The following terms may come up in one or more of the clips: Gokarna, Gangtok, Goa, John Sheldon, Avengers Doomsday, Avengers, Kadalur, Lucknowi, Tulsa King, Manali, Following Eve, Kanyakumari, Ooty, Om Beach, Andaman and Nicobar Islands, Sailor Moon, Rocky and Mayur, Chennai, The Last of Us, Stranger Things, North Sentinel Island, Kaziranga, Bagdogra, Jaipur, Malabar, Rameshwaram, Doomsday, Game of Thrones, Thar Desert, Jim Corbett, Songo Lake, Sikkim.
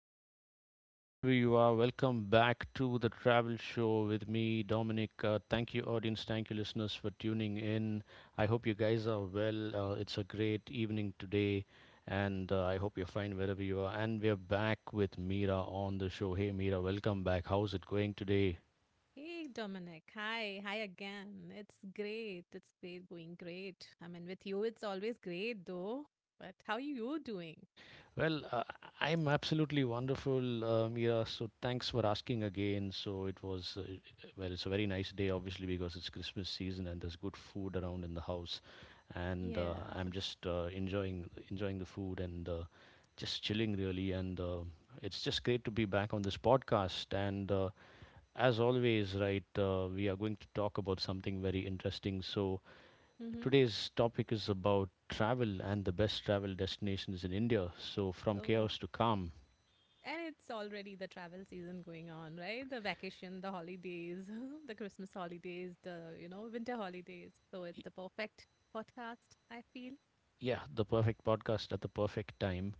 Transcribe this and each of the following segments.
good evening, wherever you are. Welcome back to the travel show with me, Dominic. Thank you, audience. Thank you, listeners, for tuning in. I hope you guys are well. It's a great evening today, and I hope you're fine wherever you are. And we're back with Meera on the show. Hey, Meera, welcome back. How's it going today? Hey Dominic, hi again. It's great going great. I mean, with you, it's always great though. But how you doing? Well, uh, I'm absolutely wonderful, Mira. So thanks for asking again. It's a very nice day, obviously, because it's Christmas season and there's good food around in the house, and Yeah. I'm just enjoying the food, and just chilling really. And it's just great to be back on this podcast. And as always, right, we are going to talk about something very interesting. So Mm-hmm. today's topic is about travel and the best travel destinations in India. So, from Oh, chaos to calm. and it's already the travel season going on, right? The vacation, the holidays, the Christmas holidays, the winter holidays. So it's Y- the perfect podcast, I feel. Yeah, the perfect podcast at the perfect time.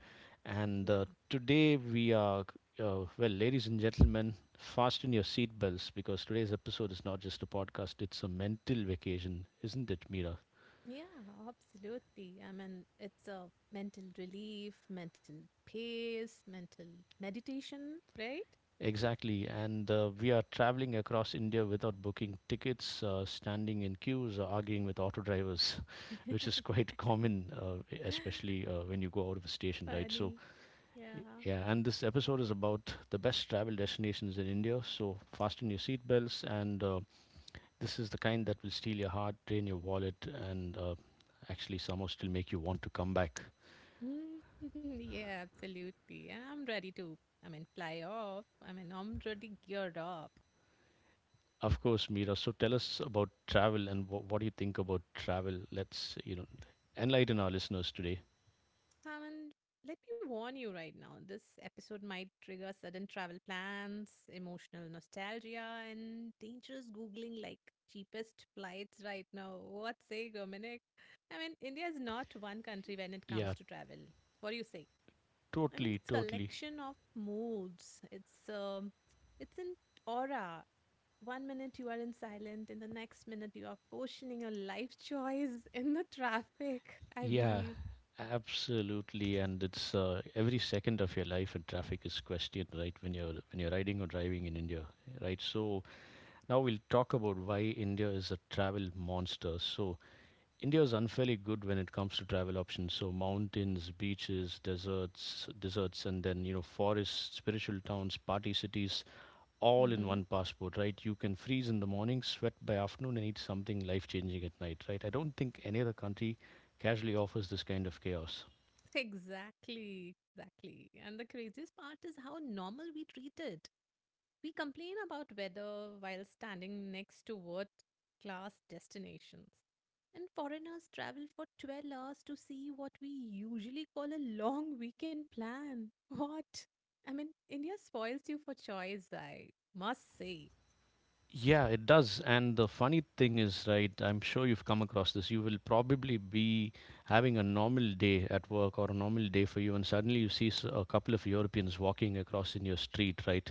And Yeah. Today we are, well, ladies and gentlemen, fasten your seatbelts because today's episode is not just a podcast, it's a mental vacation, isn't it, Mira? Yeah, absolutely. I mean, it's a mental relief, mental pace, mental meditation, right? Exactly, and we are traveling across India without booking tickets, standing in queues, or arguing with auto drivers, which is quite common, especially when you go out of a station, right? So, Funny. Yeah. yeah, and this episode is about the best travel destinations in India. So, fasten your seatbelts, and this is the kind that will steal your heart, drain your wallet, and actually somehow still make you want to come back. Mm, yeah, absolutely. And I'm ready to, I mean, fly off. I mean, I'm already geared up. Of course, Mira. So tell us about travel, and what do you think about travel? Let's, you know, enlighten our listeners today. I mean, let me warn you right now, this episode might trigger sudden travel plans, emotional nostalgia, and dangerous Googling like cheapest flights right now. What say, Dominic? I mean, India is not one country when it comes Yeah, to travel. What do you say? I mean, totally, it's totally. collection of moods. It's an aura. One minute you are in silent, in the next minute you are questioning your life choice in the traffic. I Yeah, believe. absolutely. And it's every second of your life in traffic is questioned, right? When you're riding or driving in India, right? So now we'll talk about why India is a travel monster. So India is unfairly good when it comes to travel options. So mountains, beaches, deserts, and then, you know, forests, spiritual towns, party cities, all in Mm-hmm. one passport, right? You can freeze in the morning, sweat by afternoon, and eat something life changing at night, right? I don't think any other country casually offers this kind of chaos. Exactly, exactly. And the craziest part is how normal we treat it. We complain about weather while standing next to world class destinations. And foreigners travel for 12 hours to see what we usually call a long weekend plan. What? I mean, India spoils you for choice, I must say. Yeah, it does. And the funny thing is, right, I'm sure you've come across this. You will probably be having a normal day at work or a normal day for you, and suddenly you see a couple of Europeans walking across in your street, right?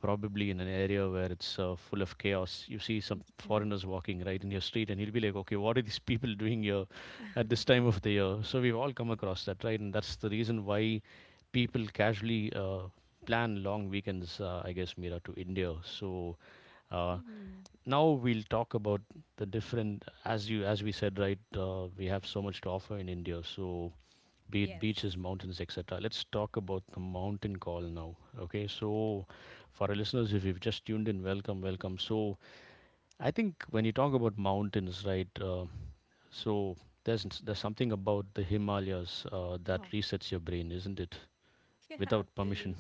Probably in an area where it's full of chaos. You see some Yeah. foreigners walking right in your street, and he'll be like, "Okay, what are these people doing here at this time of the year?" So we've all come across that, right? And that's the reason why people casually plan long weekends, I guess, Meera, to India. So uh, Hmm. now we'll talk about the different, as we said, right? We have so much to offer in India, so be it Yes. beaches, mountains, etc. Let's talk about the mountain call now. Okay, so for our listeners, if you've just tuned in, welcome, welcome. So I think when you talk about mountains, right? So there's something about the Himalayas that Oh, resets your brain, isn't it? yeah, Without absolutely. permission.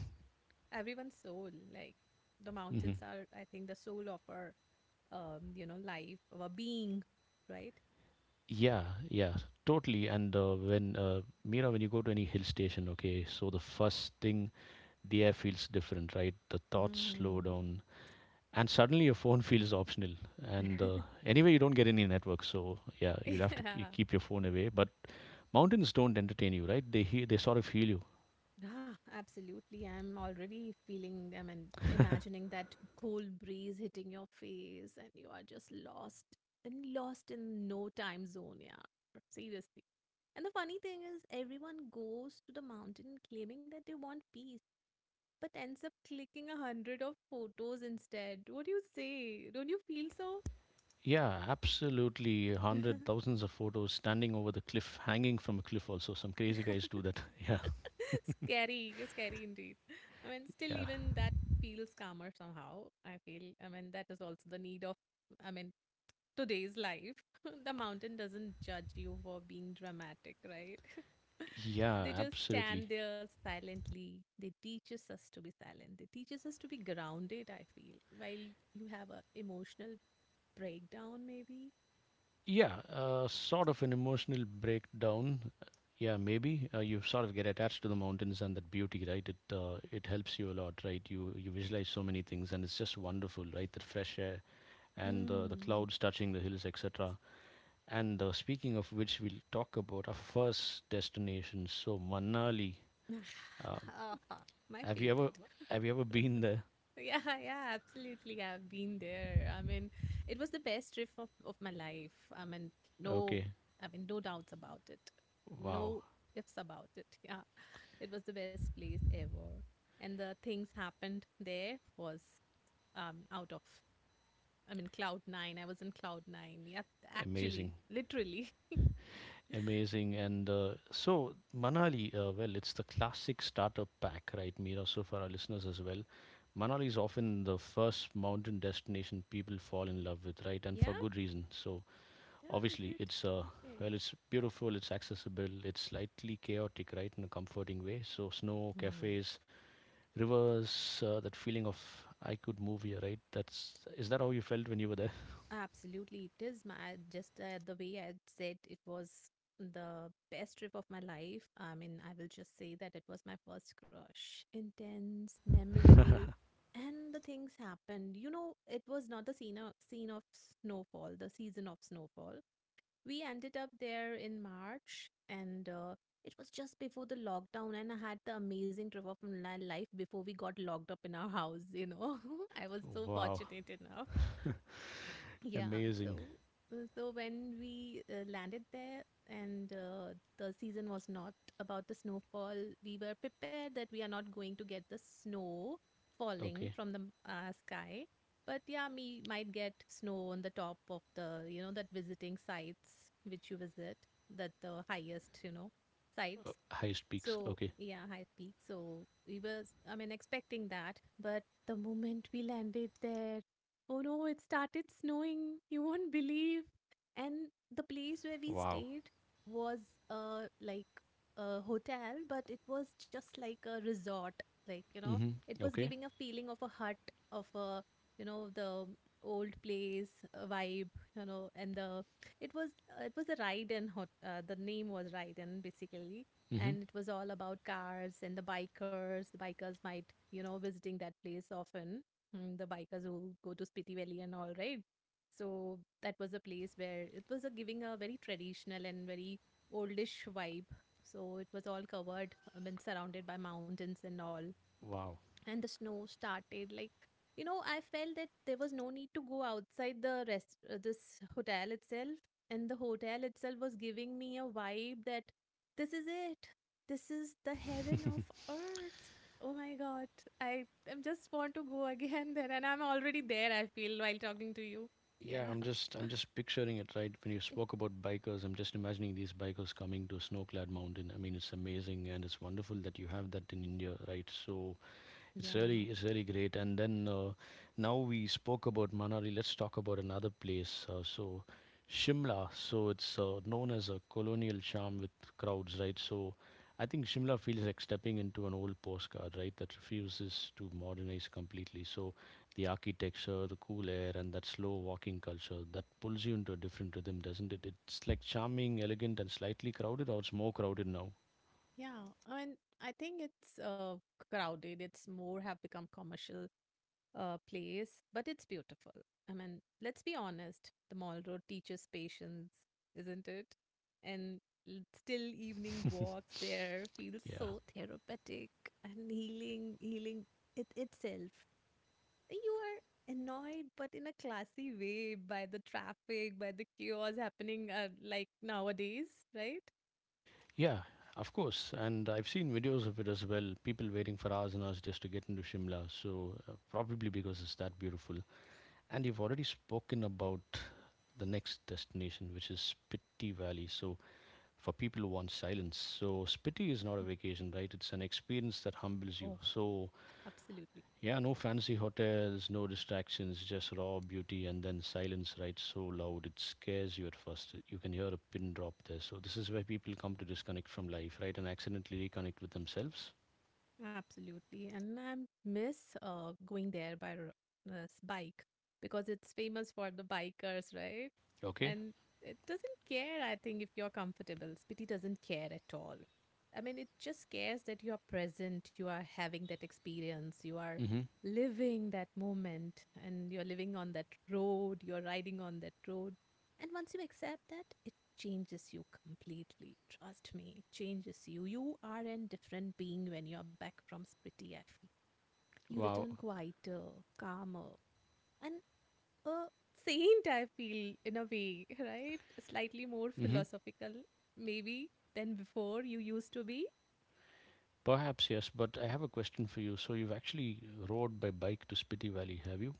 Everyone's soul. Like, the Hmm. mountains are, I think, the soul of our life, our being, right? Yeah, yeah, totally. And when Mira, when you go to any hill station, okay, so the first thing, the air feels different, right? The thoughts slow Hmm. down, and suddenly your phone feels optional. And anyway, you don't get any network, so yeah, you'll have to Yeah. Keep your phone away. But mountains don't entertain you, right? They they sort of heal you. Ah, absolutely. I'm already feeling, I mean, imagining that cool breeze hitting your face and you are just lost and lost in no time zone. Yeah, seriously. And the funny thing is, everyone goes to the mountain claiming that they want peace, but ends up clicking a hundred of photos instead. What do you say? Don't you feel so? Yeah, absolutely. Hundred thousands of photos standing over the cliff, hanging from a cliff also, some crazy guys do that. Yeah. Scary, scary indeed. I mean, still, Yeah, even that feels calmer somehow. I feel, I mean, that is also the need of, I mean, today's life. The mountain doesn't judge you for being dramatic, right? They yeah, just absolutely. stand there silently. They teaches us to be silent. They teaches us to be grounded, I feel, while you have a emotional breakdown, maybe. Yeah, sort of an emotional breakdown. Yeah, maybe you sort of get attached to the mountains and that beauty, right? It it helps you a lot, right? You visualize so many things, and it's just wonderful, right? The fresh air and the Hmm. clouds touching the hills, etc. And speaking of which, we'll talk about our first destination. So Manali. Uh, Ah, my have you favorite. ever have you ever been there? Yeah, yeah, absolutely. I've been there. I mean, it was the best trip of my life. No, Okay, I mean, no doubts about it. wow, No ifs about it. Yeah, it was the best place ever. And the things happened there was out of, I mean, cloud nine. I was in cloud nine. Yeah, amazing. actually, literally. Amazing. And so, Manali, well, it's the classic starter pack, right, Mira? So, for our listeners as well, Manali is often the first mountain destination people fall in love with, right? And Yeah, for good reason. So, yeah, is obviously, it? it's Okay. It's beautiful, it's accessible, it's slightly chaotic, right, in a comforting way. So, snow, cafes, rivers, that feeling of I could move here, right? That's Is that how you felt when you were there? Absolutely, it is my just the way I said it was the best trip of my life. I mean, I will just say that it was my first crush. Intense, memorable, and the things happened. You know, it was not the scene of snowfall, the season of snowfall. We ended up there in March, and it was just before the lockdown. And I had the amazing trip of my life before we got locked up in our house. You know, I was so Wow, fortunate enough. Yeah, amazing. so when we landed there and the season was not about the snowfall, we were prepared that we are not going to get the snow falling Okay, from the sky. But yeah, we might get snow on the top of the that visiting sites which you visit, that the highest sites. highest peaks. So, Okay, yeah, high peak. So, we were, I mean, expecting that. But the moment we landed there, oh no, it started snowing. You won't believe. And the place where we wow. stayed was like a hotel, but it was just like a resort. Like, it Mm-hmm. was Okay. giving a feeling of a hut, of a the old place vibe, and it was, it was a ride and hot, the name was ride and, basically, Mm-hmm. and it was all about cars and the bikers. The bikers might, visiting that place often. The bikers who go to Spiti Valley and all, right? So that was a place where it was a giving a very traditional and very oldish vibe. So it was all covered, I mean, surrounded by mountains and all, Wow. and the snow started like I felt that there was no need to go outside the rest this hotel itself. And the hotel itself was giving me a vibe that this is it. This is the heaven of earth. Oh my god, I am just want to go again there, and I'm already there, I feel, while talking to you. Yeah, Yeah, I'm just picturing it right when you spoke about bikers. I'm just imagining these bikers coming to a snow-clad mountain. I mean, it's amazing and it's wonderful that you have that in India, right? So it's yeah. really, it's really great. And then now we spoke about Manali. Let's talk about another place. Shimla. So it's known as a colonial charm with crowds, right? So I think Shimla feels like stepping into an old postcard, right, that refuses to modernize completely. So the architecture, the cool air, and that slow walking culture that pulls you into a different rhythm, doesn't it? It's like charming, elegant, and slightly crowded, or it's more crowded now. yeah. I mean, I think it's crowded. It's more have become commercial place, but it's beautiful. I mean, let's be honest, the mall road teaches patience, isn't it? And still evening walks there feels Yeah. so therapeutic and healing, healing it itself. You are annoyed, but in a classy way, by the traffic, by the chaos happening like nowadays, right? Yeah, of course. And I've seen videos of it as well. People waiting for hours and hours just to get into Shimla. So, probably because it's that beautiful. And you've already spoken about the next destination, which is Spiti Valley. So, for people who want silence, so Spiti is not a vacation, right? It's an experience that humbles you. Oh, So, absolutely. yeah, no fancy hotels, no distractions, just raw beauty and then silence, right? So loud it scares you at first. You can hear a pin drop there. So this is where people come to disconnect from life, right, and accidentally reconnect with themselves. Absolutely. And I miss going there by this bike because it's famous for the bikers, right? Okay? And it doesn't care, I think, if you're comfortable. Spiti doesn't care at all. I mean, it just cares that you are present, you are having that experience, you are Mm-hmm. living that moment, and you're living on that road, you're riding on that road. And once you accept that, it changes you completely. Trust me, it changes you. You are a different being when you're back from Spriti, I feel. You Wow. return quieter, calmer, and a saint, I feel, in a way, right? Slightly more Mm-hmm. philosophical, maybe, than before you used to be. Perhaps yes, but I have a question for you. So you've actually rode by bike to Spiti Valley, have you?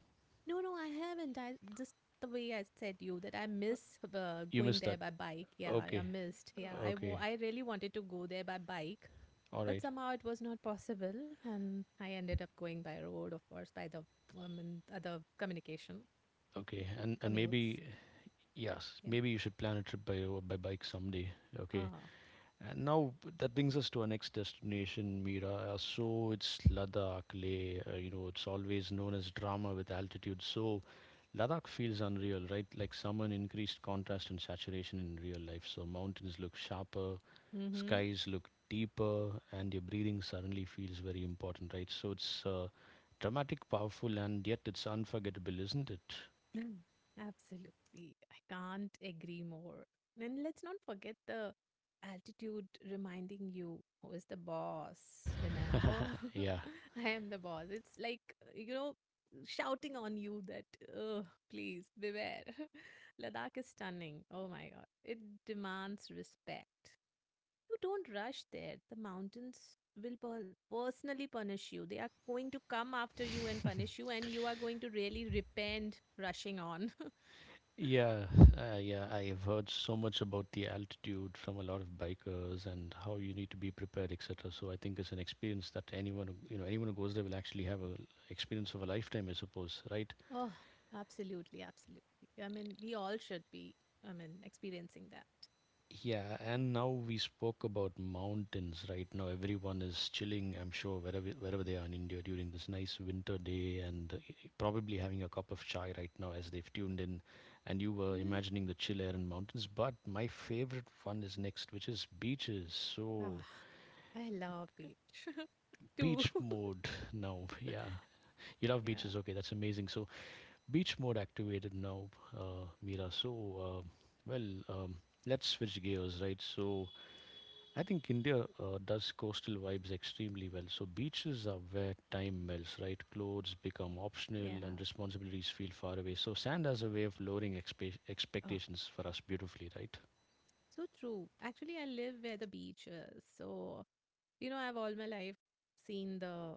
No, no, I haven't. I just the way I said you that I miss You going missed there that. by bike. Yeah, I Okay, missed. Yeah, okay. I really wanted to go there by bike. All But right. somehow it was not possible, and I ended up going by road, of course, by the and other communication Okay. And commutes. maybe yes, Yeah. maybe you should plan a trip by bike someday. Okay. Ah. And now that brings us to our next destination, Mira. So it's Ladakh, Leh. You know, it's always known as drama with altitude. So Ladakh feels unreal, right? Like summer in increased contrast and saturation in real life. So mountains look sharper, Mm-hmm. skies look deeper, and your breathing suddenly feels very important, right? So it's dramatic, powerful, and yet it's unforgettable, isn't it? Mm. Absolutely. I can't agree more. And let's not forget the altitude reminding you who is the boss. Remember, Yeah. I am the boss. It's like, you know, shouting on you that, oh, please beware. Ladakh is stunning. Oh my God. It demands respect. You don't rush there. The mountains will personally punish you. They are going to come after you and punish you, and you are going to really repent rushing on. Yeah, yeah, I have heard so much about the altitude from a lot of bikers and how you need to be prepared, etc. So I think it's an experience that anyone, you know, anyone who goes there will actually have a experience of a lifetime, I suppose, right? Oh, absolutely. Absolutely. I mean, we all should be, I mean, experiencing that. Yeah, and now we spoke about mountains. Right now, everyone is chilling. I'm sure wherever they are in India during this nice winter day, and probably having a cup of chai right now as they've tuned in. And you were Mhm. imagining the chill air and mountains. But my favorite one is next, which is beaches. Ah, So I love beach too. beach mode now. Yeah, you love Yeah. beaches. Okay, that's amazing. So beach mode activated now, Mira. Uh, well, um, let's switch gears, right? So I think India does coastal vibes extremely well. So beaches are where time melts, right? Clothes become Yeah. optional and responsibilities feel far away. So sand has a way of lowering expectations for us beautifully, right? So true. Actually, I live where the beach is. So, I've all my life seen the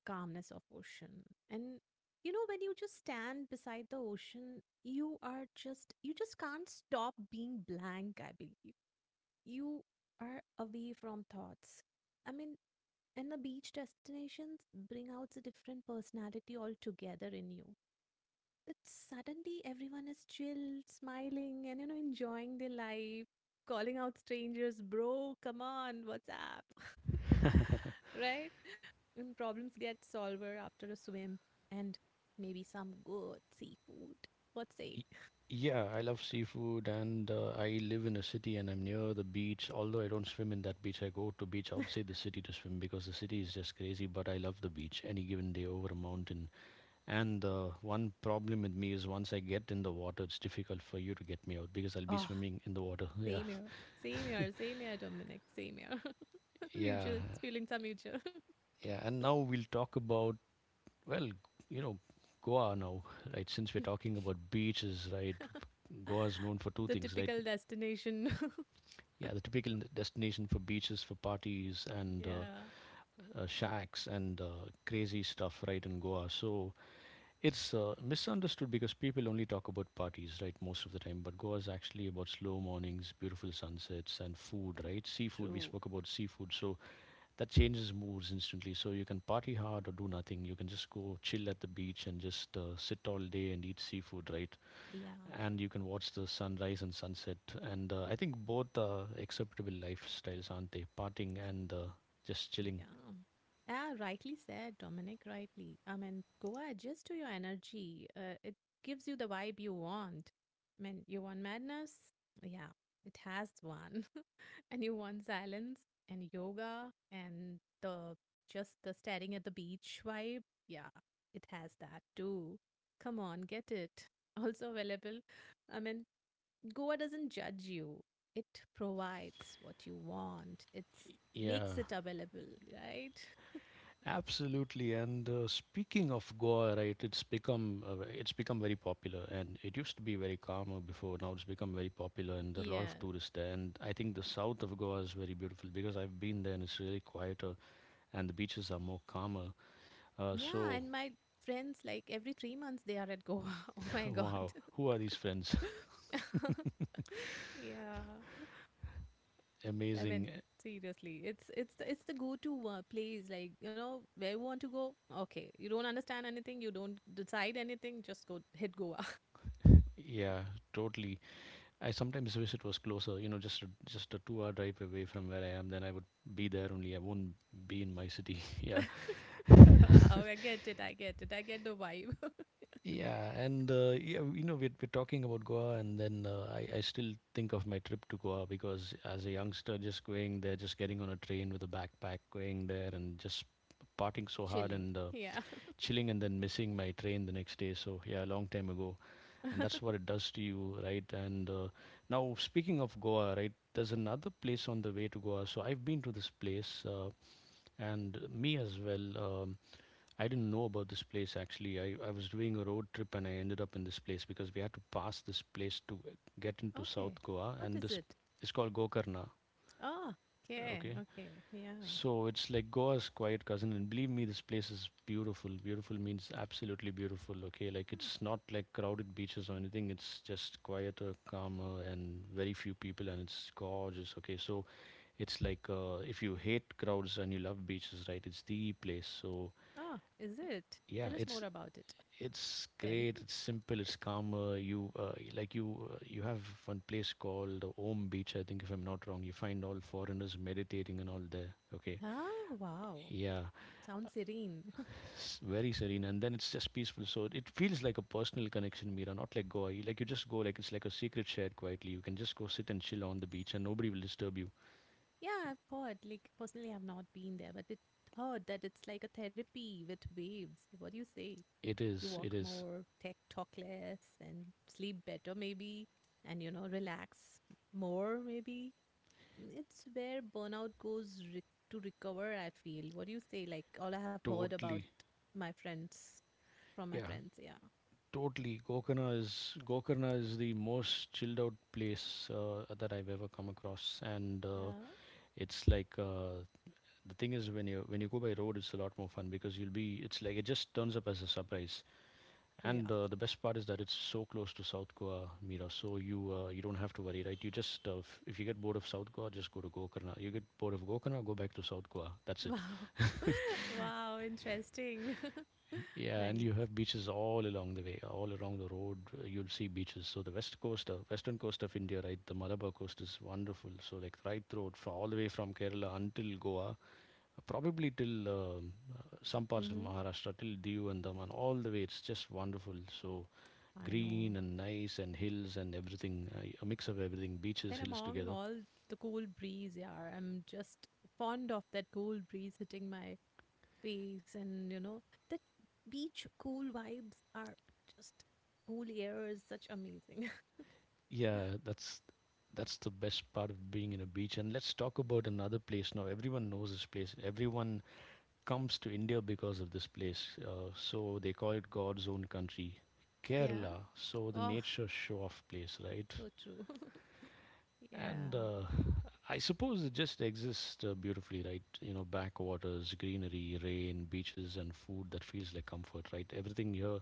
calmness of ocean. And when you just stand beside the ocean, you just can't stop being blank, I believe. You are away from thoughts. I mean, and the beach destinations bring out a different personality altogether in you that suddenly everyone is chill, smiling, and enjoying their life, calling out strangers, bro, come on, what's up? Right? And problems get solved after a swim and maybe some good seafood. What say? Y- Yeah, I love seafood. And I live in a city and I'm near the beach. Although I don't swim in that beach, I go to beach outside the city to swim because the city is just crazy, but I love the beach any given day over a mountain. And the one problem with me is once I get in the water, it's difficult for you to get me out because I'll be Oh, swimming in the water. Yeah. same here. Same here, same here, Dominic, same here. Yeah. Mutual, feelings are mutual. Yeah. And now we'll talk about, well, you know, Goa now, right? Since we're talking about beaches, right? Goa is known for two The things, right? typical destination. Yeah, the typical destination for beaches, for parties, and Yeah, shacks and crazy stuff, right, in Goa. So it's misunderstood because people only talk about parties, right, most of the time. But Goa is actually about slow mornings, beautiful sunsets, and food, right? Seafood, we true. spoke about seafood. So that changes moods instantly. So you can party hard or do nothing. You can just go chill at the beach and just sit all day and eat seafood, right? Yeah. And you can watch the sunrise and sunset. And I think both are acceptable lifestyles, aren't they? Partying and just chilling. Yeah. Ah, rightly said, Dominic, rightly. I mean, Goa adjusts to your energy. It gives you the vibe you want. I mean, you want madness? Yeah, it has one. And you want silence and yoga and the just the staring at the beach vibe? Yeah, it has that too. Come on, get it. Also available. I mean, Goa doesn't judge you. It provides what you want. It makes it available, right? Absolutely, and speaking of Goa, right, it's become very popular, and it used to be very calmer before. Now it's become very popular, and there are a lot Yeah. of tourists there. And I think the south of Goa is very beautiful because I've been there, and it's really quieter, and the beaches are more calmer. Uh, Yeah, so, and my friends, like, every 3 months they are at Goa. Oh my god. wow, who are these friends? Yeah. I mean, Amazing. seriously, it's the go-to place, like, where you want to go. Okay, you don't understand anything, you don't decide anything, just go hit Goa. Yeah, totally. I sometimes wish it was closer. You know, just a two-hour drive away from where I am. Then I would be there only. I won't be in my city. yeah. Wow, I get it, I get it, I get the vibe. You know, we're talking about Goa, and then I still think of my trip to Goa because as a youngster, just going there, just getting on a train with a backpack, going there, and just partying so hard Chilling, and yeah. chilling, and then missing my train the next day. So, yeah, a long time ago. And that's what it does to you, right? And Now, speaking of Goa, right, there's another place on the way to Goa. So, I've been to this place, and me as well. I didn't know about this place actually. I was doing a road trip and I ended up in this place because we had to pass this place to get into South Okay. Goa, What and is this it? is called Gokarna. Ah, okay, Okay. okay. Yeah. So it's like Goa's quiet cousin, and believe me, this place is beautiful. Beautiful means absolutely beautiful, okay? Like, Yeah. it's not like crowded beaches or anything. It's just quieter, calmer, and very few people, and it's gorgeous, okay? So it's like if you hate crowds and you love beaches, right? It's the place. So Ah, is it? yeah, Tell us it's more about it It's then. great. It's simple. It's calmer. You like you you have one place called Om Beach, I think, if I'm not wrong. You find all foreigners meditating and all there. Okay, Oh, wow. yeah, Sounds serene. s very serene, and then it's just peaceful. So it feels like a personal connection, Mira, not like Goa. Like you just go, like it's like a secret shared quietly. You can just go sit and chill on the beach, and nobody will disturb you. Yeah, I've heard, like, personally, I've not been there, but it heard that it's like a therapy with waves. What do you say? It You is. It walk is more, tech talk less, and sleep better, maybe, and, relax more, maybe. It's where burnout goes to recover, I feel. What do you say? Like, all I have heard totally. my friends, from my Yeah. friends, yeah. Totally. Gokarna is the most chilled out place that I've ever come across, and Yeah. it's like the thing is, when you go by road, it's a lot more fun because you'll be it's like it just turns up as a surprise. Yeah. And The best part is that it's so close to South Goa, Mira, so you don't have to worry, right? You just If you get bored of South Goa, just go to Gokarna. You get bored of Gokarna, go back to South Goa. That's it. Wow. Wow. Interesting. Yeah, and Nice. you have beaches all along the way, all along the road. You'll see beaches. So the west coast, western coast of India, right? The Malabar coast is wonderful. So, like right through, from all the way from Kerala until Goa, probably till some parts of Mm-hmm. Maharashtra, till Diu and Daman, all the way. It's just wonderful. So I green know. and nice and hills and everything, a mix of everything, beaches, And hills among together. all the cool breeze, yeah, I'm just fond of that cool breeze hitting my face, that beach cool vibes are just cool air is such amazing. Yeah, that's the best part of being in a beach. And let's talk about another place now. Everyone knows this place. Everyone comes to India because of this place. So they call it God's own country, Yeah. Kerala. So the Oh, nature show off place, right? so true. And Yeah. I suppose it just exists beautifully, right? You know, backwaters, greenery, rain, beaches, and food that feels like comfort, right? Everything here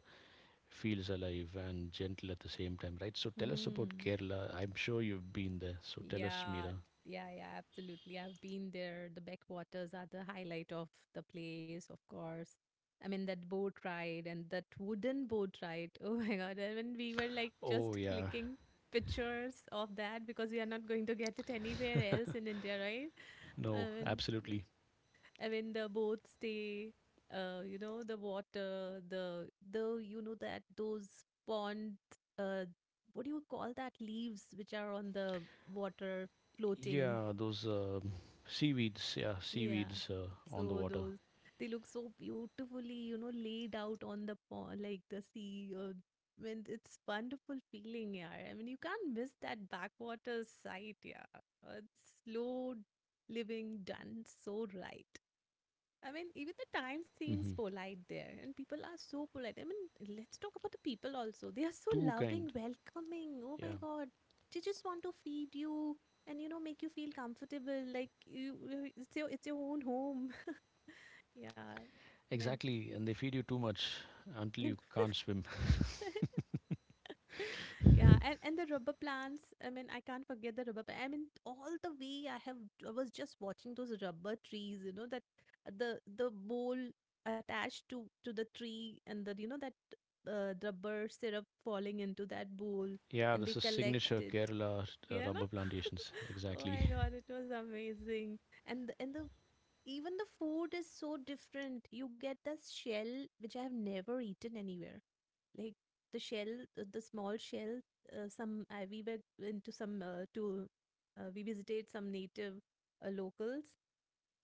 feels alive and gentle at the same time, right? So tell us about Hmm. Kerala. I'm sure you've been there. So tell us, Yeah. Mira. Yeah, yeah, absolutely. I've been there. The backwaters are the highlight of the place, of course. I mean, that boat ride and that wooden boat ride. Oh my God. And when we were like Oh, just yeah. clicking pictures of that because we are not going to get it anywhere else in India, right? I No, mean, absolutely. I mean, the boat stay, you know, the water, the you know that those pond, uh, what do you call that? Leaves which are on the water floating. Yeah, those seaweeds. Yeah. On the So water. those they look so beautifully, you know, laid out on the pond, like the sea. When it's wonderful feeling, yeah. I mean, you can't miss that backwater sight, yeah. It's slow living done so right. I mean, even the time seems Hmm. polite there, and people are so polite. I mean, let's talk about the people also. They are so Too kind. loving, welcoming. Oh my Yeah, God. They just want to feed you and, you know, make you feel comfortable. Like it's it's your own home. Yeah. I mean, exactly. And they feed you too much until you can't swim. Yeah, and the rubber plants. I mean, I can't forget the rubber. I mean, all the way I have. I was just watching those rubber trees. You know that the bowl attached to the tree, and the you know that rubber syrup falling into that bowl, Yeah, and they this is collect signature it. Kerala You rubber know. plantations. Oh Exactly. my God, it was amazing. And the even the food is so different. You get this shell which I have never eaten anywhere. Like the shell, the small shell. We were into some to we visited some native locals.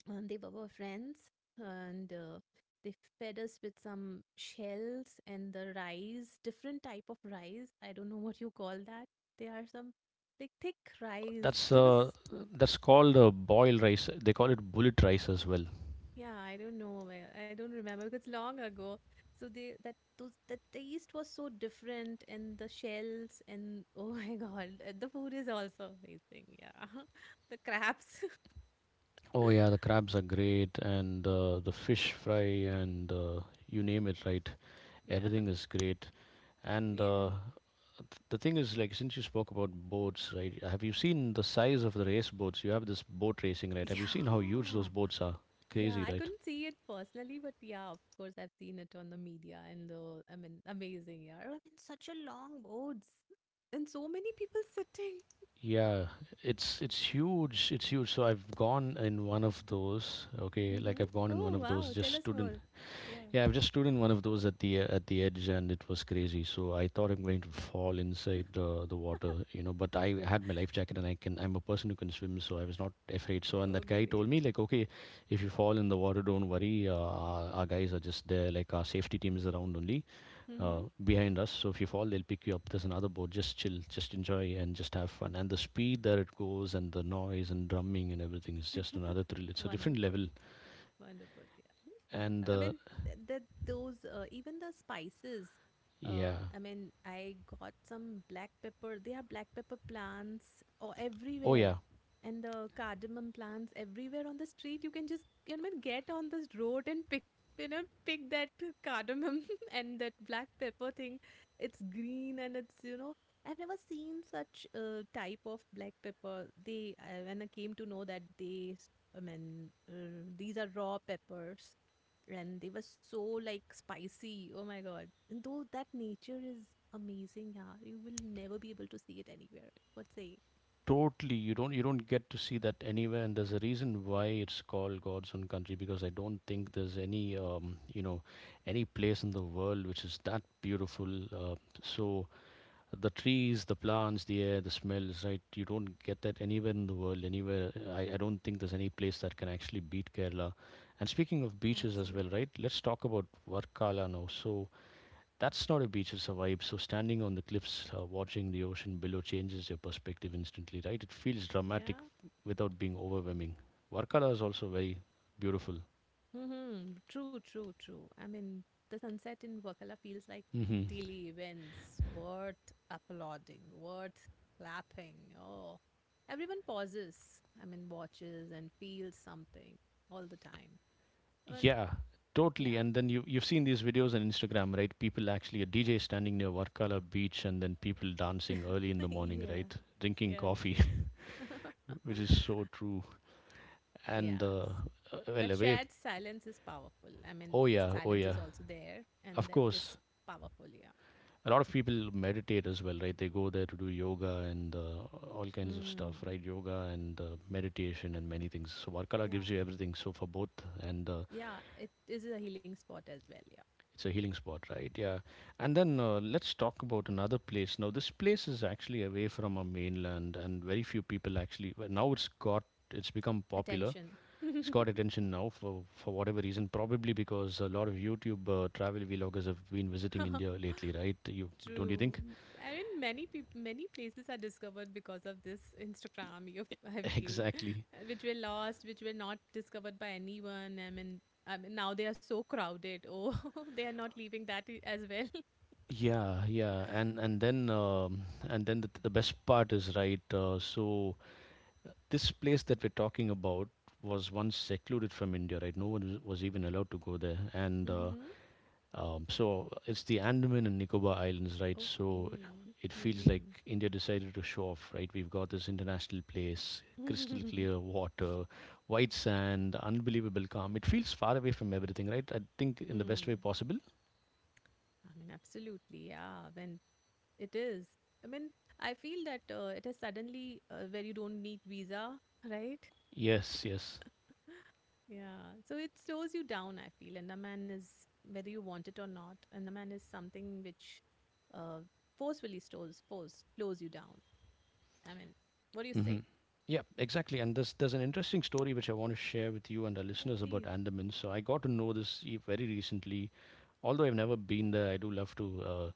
And they were our friends, and they fed us with some shells and the rice, different type of rice. I don't know what you call that. They are some like thick rice. That's They were. uh, that's called boil rice. They call it bullet rice as well. Yeah, I don't know. I don't remember because long ago. So they that those the taste was so different and the shells and oh my God, the food is also amazing. Yeah. The crabs. Oh yeah, the crabs are great, and the fish fry, and you name it, right? Yeah. Everything is great. And Yes. The thing is, like, since you spoke about boats, right? Have you seen the size of the race boats? You have this boat racing, right? Have you seen how huge those Yeah. boats are? Yeah, Crazy, I right? couldn't see it personally, but yeah, of course I've seen it on the media and the I mean amazing, yeah. I mean such a long boats and so many people sitting. Yeah, it's huge. It's huge. So I've gone in one of those. Okay, like Mm-hmm. I've gone in one Oh of those. wow, Just tell us stood in. more. Yeah. Yeah, I've just stood in one of those at the edge, and it was crazy. So I thought I'm going to fall inside the water, you know. But I had my life jacket, and I can. I'm a person who can swim, so I was not afraid. So, and Oh that guy told great. me like, okay, if you fall in the water, don't worry. Our guys are just there, like our safety team is around only, Mm-hmm. Behind us. So if you fall, they'll pick you up. There's another boat. Just chill, just enjoy, and just have fun. And the speed that it goes, and the noise and drumming and everything is just another thrill. It's a different Wonderful, level, wonderful. Yeah. I and mean, that those even the spices. Yeah. I mean, I got some black pepper. They are black pepper plants or Oh everywhere, yeah, and the cardamom plants everywhere on the street. You can just you know get on this road and pick you know pick that cardamom and that black pepper thing. It's green and it's you know I've never seen such type of black pepper. They when I came to know that I mean, these are raw peppers and they were so like spicy. Oh my God. And though that nature is amazing, yeah, you will never be able to see it anywhere. What say? totally, you don't get to see that anywhere, and there's a reason why it's called God's own country, because I don't think there's any, you know, any place in the world which is that beautiful. Uh, so the trees, the plants, the air, the smells, right? You don't get that anywhere in the world. Anywhere, I don't think there's any place that can actually beat Kerala. And speaking of beaches as well, Absolutely. right? Let's talk about Varkala now. So that's not a beach, it's a vibe. So, standing on the cliffs, watching the ocean below changes your perspective instantly, right? It feels dramatic Yeah. without being overwhelming. Varkala is also very beautiful. Mm-hmm. True, true, true. I mean, the sunset in Wakala feels like Hmm. daily events worth applauding, worth clapping. Oh, everyone pauses. I mean, watches and feels something all the time. I mean, Yeah, totally. yeah, And then you've seen these videos on Instagram, right? People actually, a DJ standing near Varkala beach and then people dancing early in the morning, yeah, right? Drinking yeah, coffee, true. which is so true. And, Yeah, uh, well, that away. shared silence is powerful. I mean, Oh, the yeah, oh, silence is yeah. also there, and Of that is course. powerful. Yeah. A lot of people meditate as well, right? They go there to do yoga and all kinds of stuff, Hmm. right? Yoga and meditation and many things. So Varkala gives Yeah. you everything, so for both, and Yeah. It is a healing spot as well. Yeah. it's a healing spot, right? Yeah, and then let's talk about another place now. This place is actually away from our mainland and very few people actually, well, now it's got, it's become popular, Attention. it's got attention now for whatever reason, probably because a lot of YouTube travel vloggers have been visiting India lately, right? You don't, you True. think? I mean, many places are discovered because of this Instagram. You, I feel, Exactly. which were lost, which were not discovered by anyone. I mean, now they are so crowded. Oh, they are not leaving as well. Yeah, and then the best part is, right. So this place that we're talking about was once secluded from India, right? No one was even allowed to go there, and uh, Mm-hmm. um, so it's the Andaman and Nicobar Islands, right? So Okay. it feels like India decided to show off, right? We've got this international place, crystal Mm-hmm. clear water, white sand, unbelievable calm. It feels far away from everything, right? I think in the best way Hmm. possible. I mean, absolutely. Yeah. When it is, I mean, I feel that it is suddenly where you don't need visa, right? Yes, yes. Yeah. So it slows you down, I feel. And the man is, whether you want it or not, and the man is something which uh, forcefully stores, force, slows you down. I mean, what do you Hmm. say? Yeah, exactly. And there's an interesting story which I want to share with you and our Yeah, listeners about please. Andaman. So I got to know this very recently. Although I've never been there, I do love to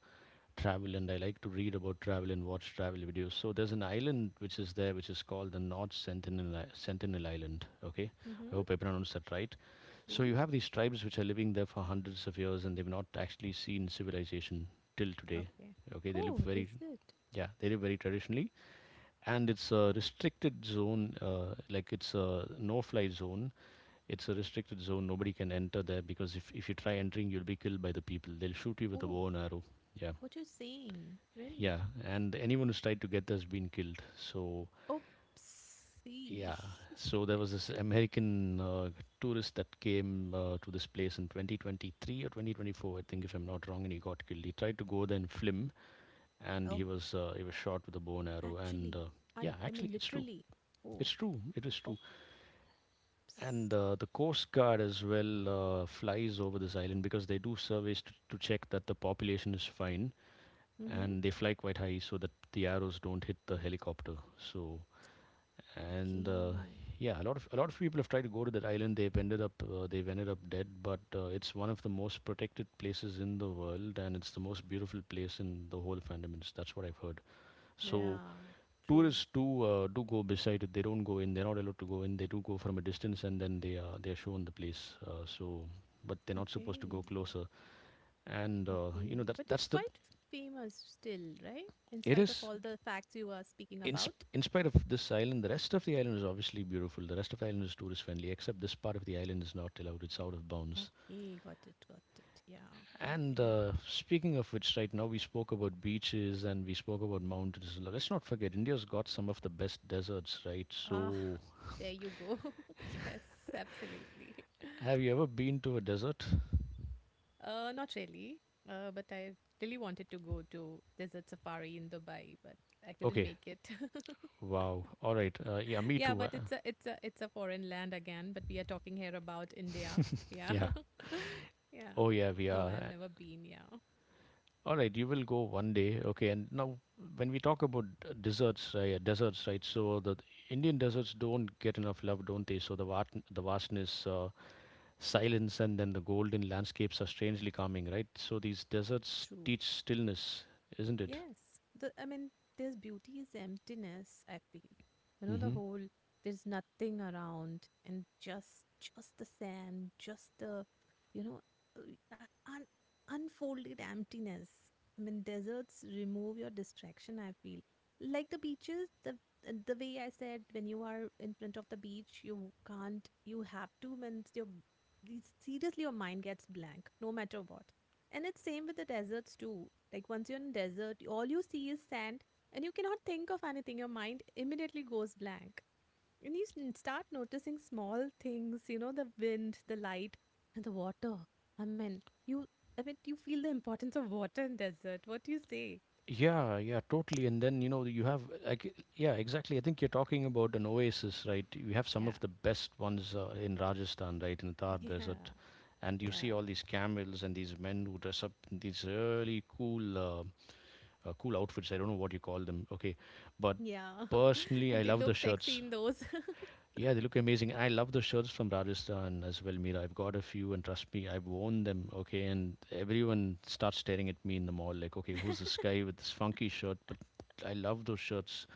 travel, and I like to read about travel and watch travel videos. So there's an island which is there, which is called the Sentinel Island. Okay, I Mm-hmm. hope I pronounced that right. So Please. you have these tribes which are living there for hundreds of years, and they've not actually seen civilization till today. Okay. Okay, they live Oh, very is it? yeah, they live very traditionally, and it's a restricted zone, like it's a no fly zone. It's a restricted zone, nobody can enter there because if you try entering you'll be killed by the people. They'll shoot you with a Oh, bow and arrow. Yeah, what you're saying? yeah. Really? And anyone who's tried to get there has been killed. So Oopsie. yeah, so there was this American tourist that came to this place in 2023 or 2024, I think, if I'm not wrong, and he got killed. He tried to go there in flim, and Oh. He was shot with a bow and arrow. And Actually, yeah, I actually mean it's true. literally. It's Oh, true, it is true. And oops. The Coast Guard as well flies over this island because they do surveys to check that the population is fine, Mm-hmm. and they fly quite high so that the arrows don't hit the helicopter. So, and Okay. yeah, a lot of people have tried to go to that island. They've ended up dead, but it's one of the most protected places in the world, and it's the most beautiful place in the whole of Andamans. That's what I've heard. So, Yeah, true. tourists do do go beside it. They don't go in. They're not allowed to go in. They do go from a distance, and then they are shown the place. So, but they're not supposed to Okay. go closer. And Okay. that's But that's it's the quite famous still, right? In It spite of is, all the facts you are speaking in about. Spite of this island, the rest of the island is obviously beautiful. The rest of the island is tourist friendly, except this part of the island is not allowed. It's out of bounds. Okay, got it, got it. Yeah. And Okay. Speaking of which, right now we spoke about beaches and we spoke about mountains. Now, let's not forget, India's got some of the best deserts, right? Ah, So, there you go. Yes, absolutely. have you ever been to a desert? Not really. But I really wanted to go to Desert Safari in Dubai, but I couldn't Okay. make it. Wow. All right. Yeah, me Yeah, too. But it's a foreign land again, but we are talking here about India. Yeah. Yeah. Yeah. Oh, yeah, we No, are. I've never been. Yeah. All right, you will go one day. Okay. And now, when we talk about desserts, yeah, deserts, right? So the Indian deserts don't get enough love, don't they? So the the vastness, silence, and then the golden landscapes are strangely calming, right? So these deserts True. teach stillness, isn't it? Yes. The I mean, there's beauty is emptiness, I feel. You know, the Mm-hmm. whole there's nothing around and just the sand, just the you know uh, uh, un- unfolded emptiness. I mean, deserts remove your distraction, I feel. Like the beaches, the way I said when you are in front of the beach, you can't you have to when your seriously your mind gets blank no matter what. And it's same with the deserts too like once you're in desert, all you see is sand and you cannot think of anything. Your mind immediately goes blank. And you start noticing small things, you know, the wind, the light, and the water. I mean, you I mean you feel the importance of water in desert. What do you say? Yeah, yeah, totally. And then, you know, you have, like, yeah, exactly. I think you're talking about an oasis, right? You have some of Yeah. the best ones in Rajasthan, right, in the Thar Yeah. Desert. And you see Yeah. all these camels and these men who dress up in these really cool, cool outfits. I don't know what you call them. Okay. But Yeah. personally, I And they love the look sexy shirts. in those. Yeah, they look amazing. I love the shirts from Rajasthan as well, Mira. I've got a few, and trust me, I've worn them. Okay, and everyone starts staring at me in the mall, like, okay, who's this guy with this funky shirt? But I love those shirts.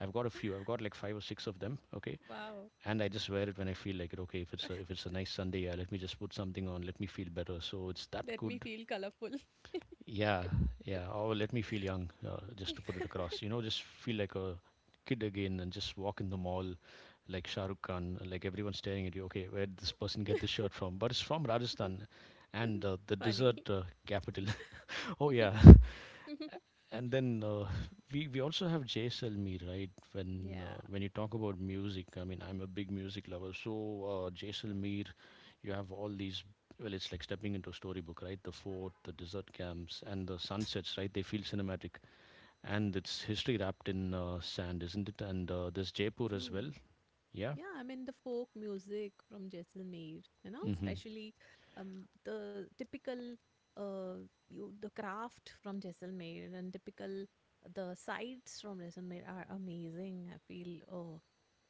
I've got a few. I've got, like, five or six of them. Okay, Wow. and I just wear it when I feel like it. Okay, if it's a nice Sunday, yeah, let me just put something on. Let me feel better. So it's that Let me good. feel colorful. Yeah, yeah. Oh, let me feel young, just to put it across. You know, just feel like a kid again and just walk in the mall like Shah Rukh Khan, like everyone staring at you. Okay, where did this person get this shirt from? But it's from Rajasthan, and the Funny. desert capital. Oh, yeah. And then we also have Jay Selmy, right? Yeah. When you talk about music, I mean, I'm a big music lover. So Jay Selmy, you have all these. Well, it's like stepping into a storybook, right? The fort, the desert camps, and the sunsets, right? They feel cinematic, and it's history wrapped in sand, isn't it? And there's Jaipur as True. well. Yeah. Yeah, I mean the folk music from Jaisalmer, you know, Hmm. especially the typical uh, you the craft from Jaisalmer and typical the sights from Jaisalmer are amazing. I feel oh,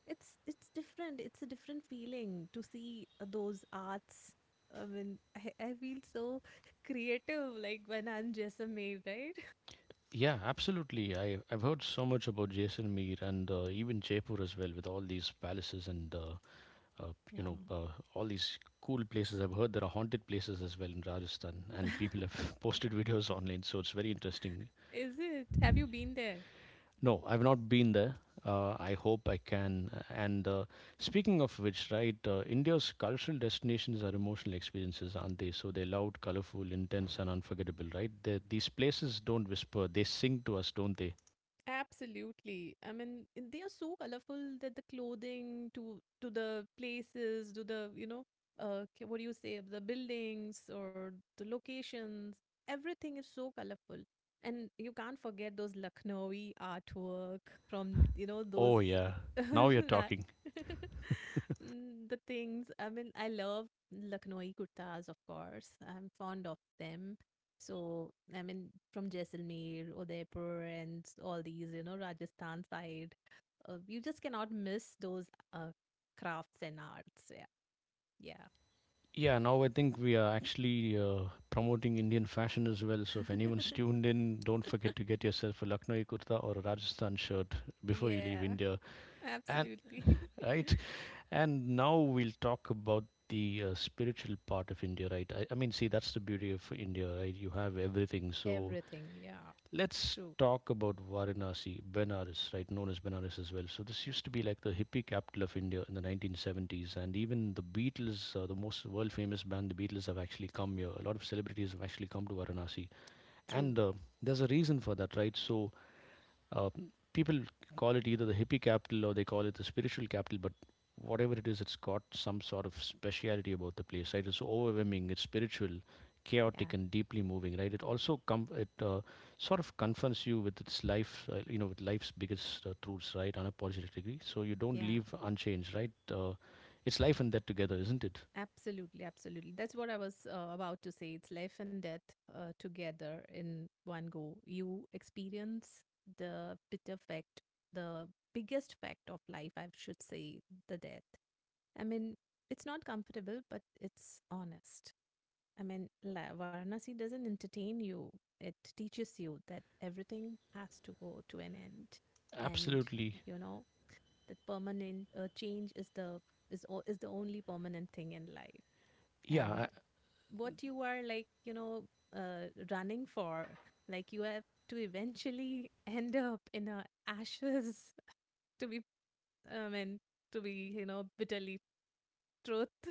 it's different. It's a different feeling to see those arts. I mean, I feel so creative like when I'm Jaisalmer, right? Yeah, absolutely. I've heard so much about Jaisalmer and even Jaipur as well, with all these palaces and uh, you Yeah. know, uh, all these cool places. I've heard there are haunted places as well in Rajasthan, and people have posted videos online, so it's very interesting. Is it? Have you been there? No, I've not been there. I hope I can. And speaking of which, right, India's cultural destinations are emotional experiences, aren't they? So they're loud, colorful, intense, and unforgettable, right? they These places don't whisper, they sing to us, don't they? Absolutely. I mean, and they are so colorful that the clothing to the places, to the, you know, what do you say, the buildings or the locations, everything is so colorful. And you can't forget those Lucknowi artwork from, you know, those Oh, yeah. Now you're ra- talking. Mm, the things. I mean, I love Lucknowi kurtas, of course. I'm fond of them so, I mean, from Jaisalmer, Udaipur, and all these, you know, Rajasthan side, you just cannot miss those uh, crafts and arts. Yeah. Yeah. Yeah, now I think we are actually promoting Indian fashion as well. So if anyone's tuned in, don't forget to get yourself a Lucknowi kurta or a Rajasthan shirt before you leave Yeah. India. And Absolutely. right, and now we'll talk about the spiritual part of India, right? I mean, see, that's the beauty of India, right? You have everything. So Everything. Yeah. let's True. talk about Varanasi, Benares, right? Known as Benares as well. So this used to be like the hippie capital of India in the 1970s, and even the Beatles, the most world famous band, the Beatles, have actually come here. A lot of celebrities have actually come to Varanasi, True. and there's a reason for that, right? So uh, people call it either the hippie capital or they call it the spiritual capital, but whatever it is, it's got some sort of speciality about the place, right? It's so overwhelming, it's spiritual, Yeah. chaotic, and deeply moving, right? It sort of confronts you with its life, with life's biggest truths, right? Unapologetically, so you don't Yeah. leave unchanged, right? It's life and death together, isn't it? Absolutely, absolutely. That's what I was about to say. It's life and death together in one go. You experience the bitter fact, the biggest fact of life, I should say, the death. I mean, it's not comfortable, but it's honest. I mean, Varanasi doesn't entertain you, it teaches you that everything has to go to an end. And, Absolutely. you know, that permanent change is the only permanent thing in life and Yeah, what you are like you know running for like you have to eventually end up in a ashes to be I mean to be you know bitterly truth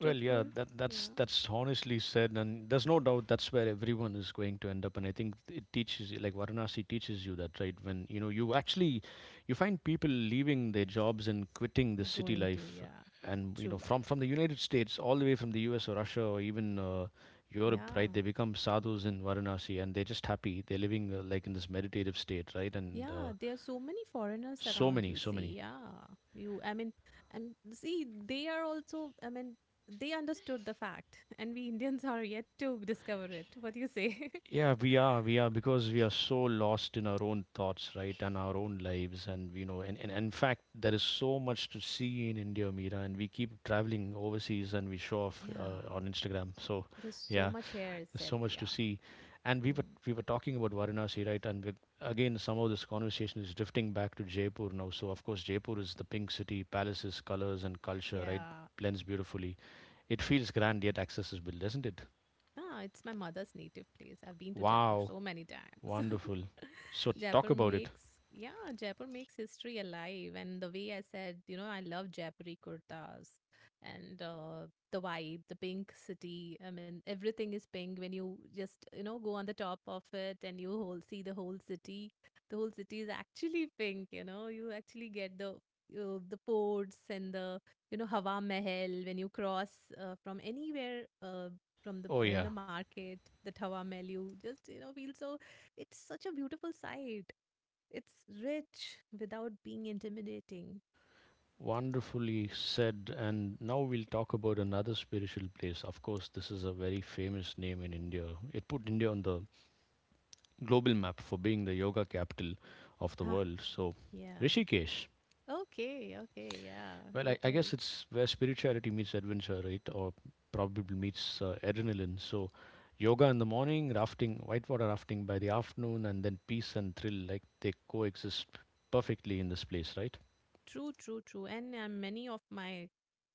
well, yeah, truthful that's yeah that's honestly said, and there's no doubt that's where everyone is going to end up. And I think it teaches, you- like Varanasi teaches you that, right? When you know you actually, you find people leaving their jobs and quitting the city going to life, yeah and you know, true from the United States, all the way from the U.S. or Russia or even Europe, right? yeah They become sadhus in Varanasi, and they're just happy. They're living like in this meditative state, right? And yeah there are so many foreigners so around many, you so see many. yeah you I mean and see they are also I mean they understood the fact and we Indians are yet to discover it what do you say Yeah, we are, because we are so lost in our own thoughts, right, and our own lives, and you know, and in fact, there is so much to see in India, Mira, and we keep traveling overseas and we show off Yeah, on Instagram. So, there's so yeah, much hair there's itself. so much Yeah. to see, and we were Mm. we were talking about Varanasi, right, and we, again, somehow this conversation is drifting back to Jaipur now. So, of course, Jaipur is the pink city, palaces, colors, and culture, right, Yeah, blends beautifully. It feels grand yet accessible, doesn't it? ah, it's my mother's native place. I've been to Jaipur Wow. so many times. Wonderful. So talk Jaipur about it. makes, yeah, Jaipur makes history alive. And the way I said, you know, I love Jaipuri kurtas and the vibe, the pink city. I mean, everything is pink when you just, you know, go on the top of it and you whole see the whole city. The whole city is actually pink, you know, you actually get the. The forts and the you know Hawa Mahal when you cross from anywhere from the Oh in yeah, the market, the tawa melu, just you know, feel so. It's such a beautiful sight. It's rich without being intimidating. wonderfully said. And now we'll talk about another spiritual place. Of course, this is a very famous name in India. It put India on the global map for being the yoga capital of the Ah, world. So yeah. Rishikesh. Okay. Okay. Yeah. Well, I, It I guess is. it's where spirituality meets adventure, right? Or probably meets adrenaline. So yoga in the morning, rafting, whitewater rafting by the afternoon, and then peace and thrill, like they coexist perfectly in this place, right? True, true, true. And many of my,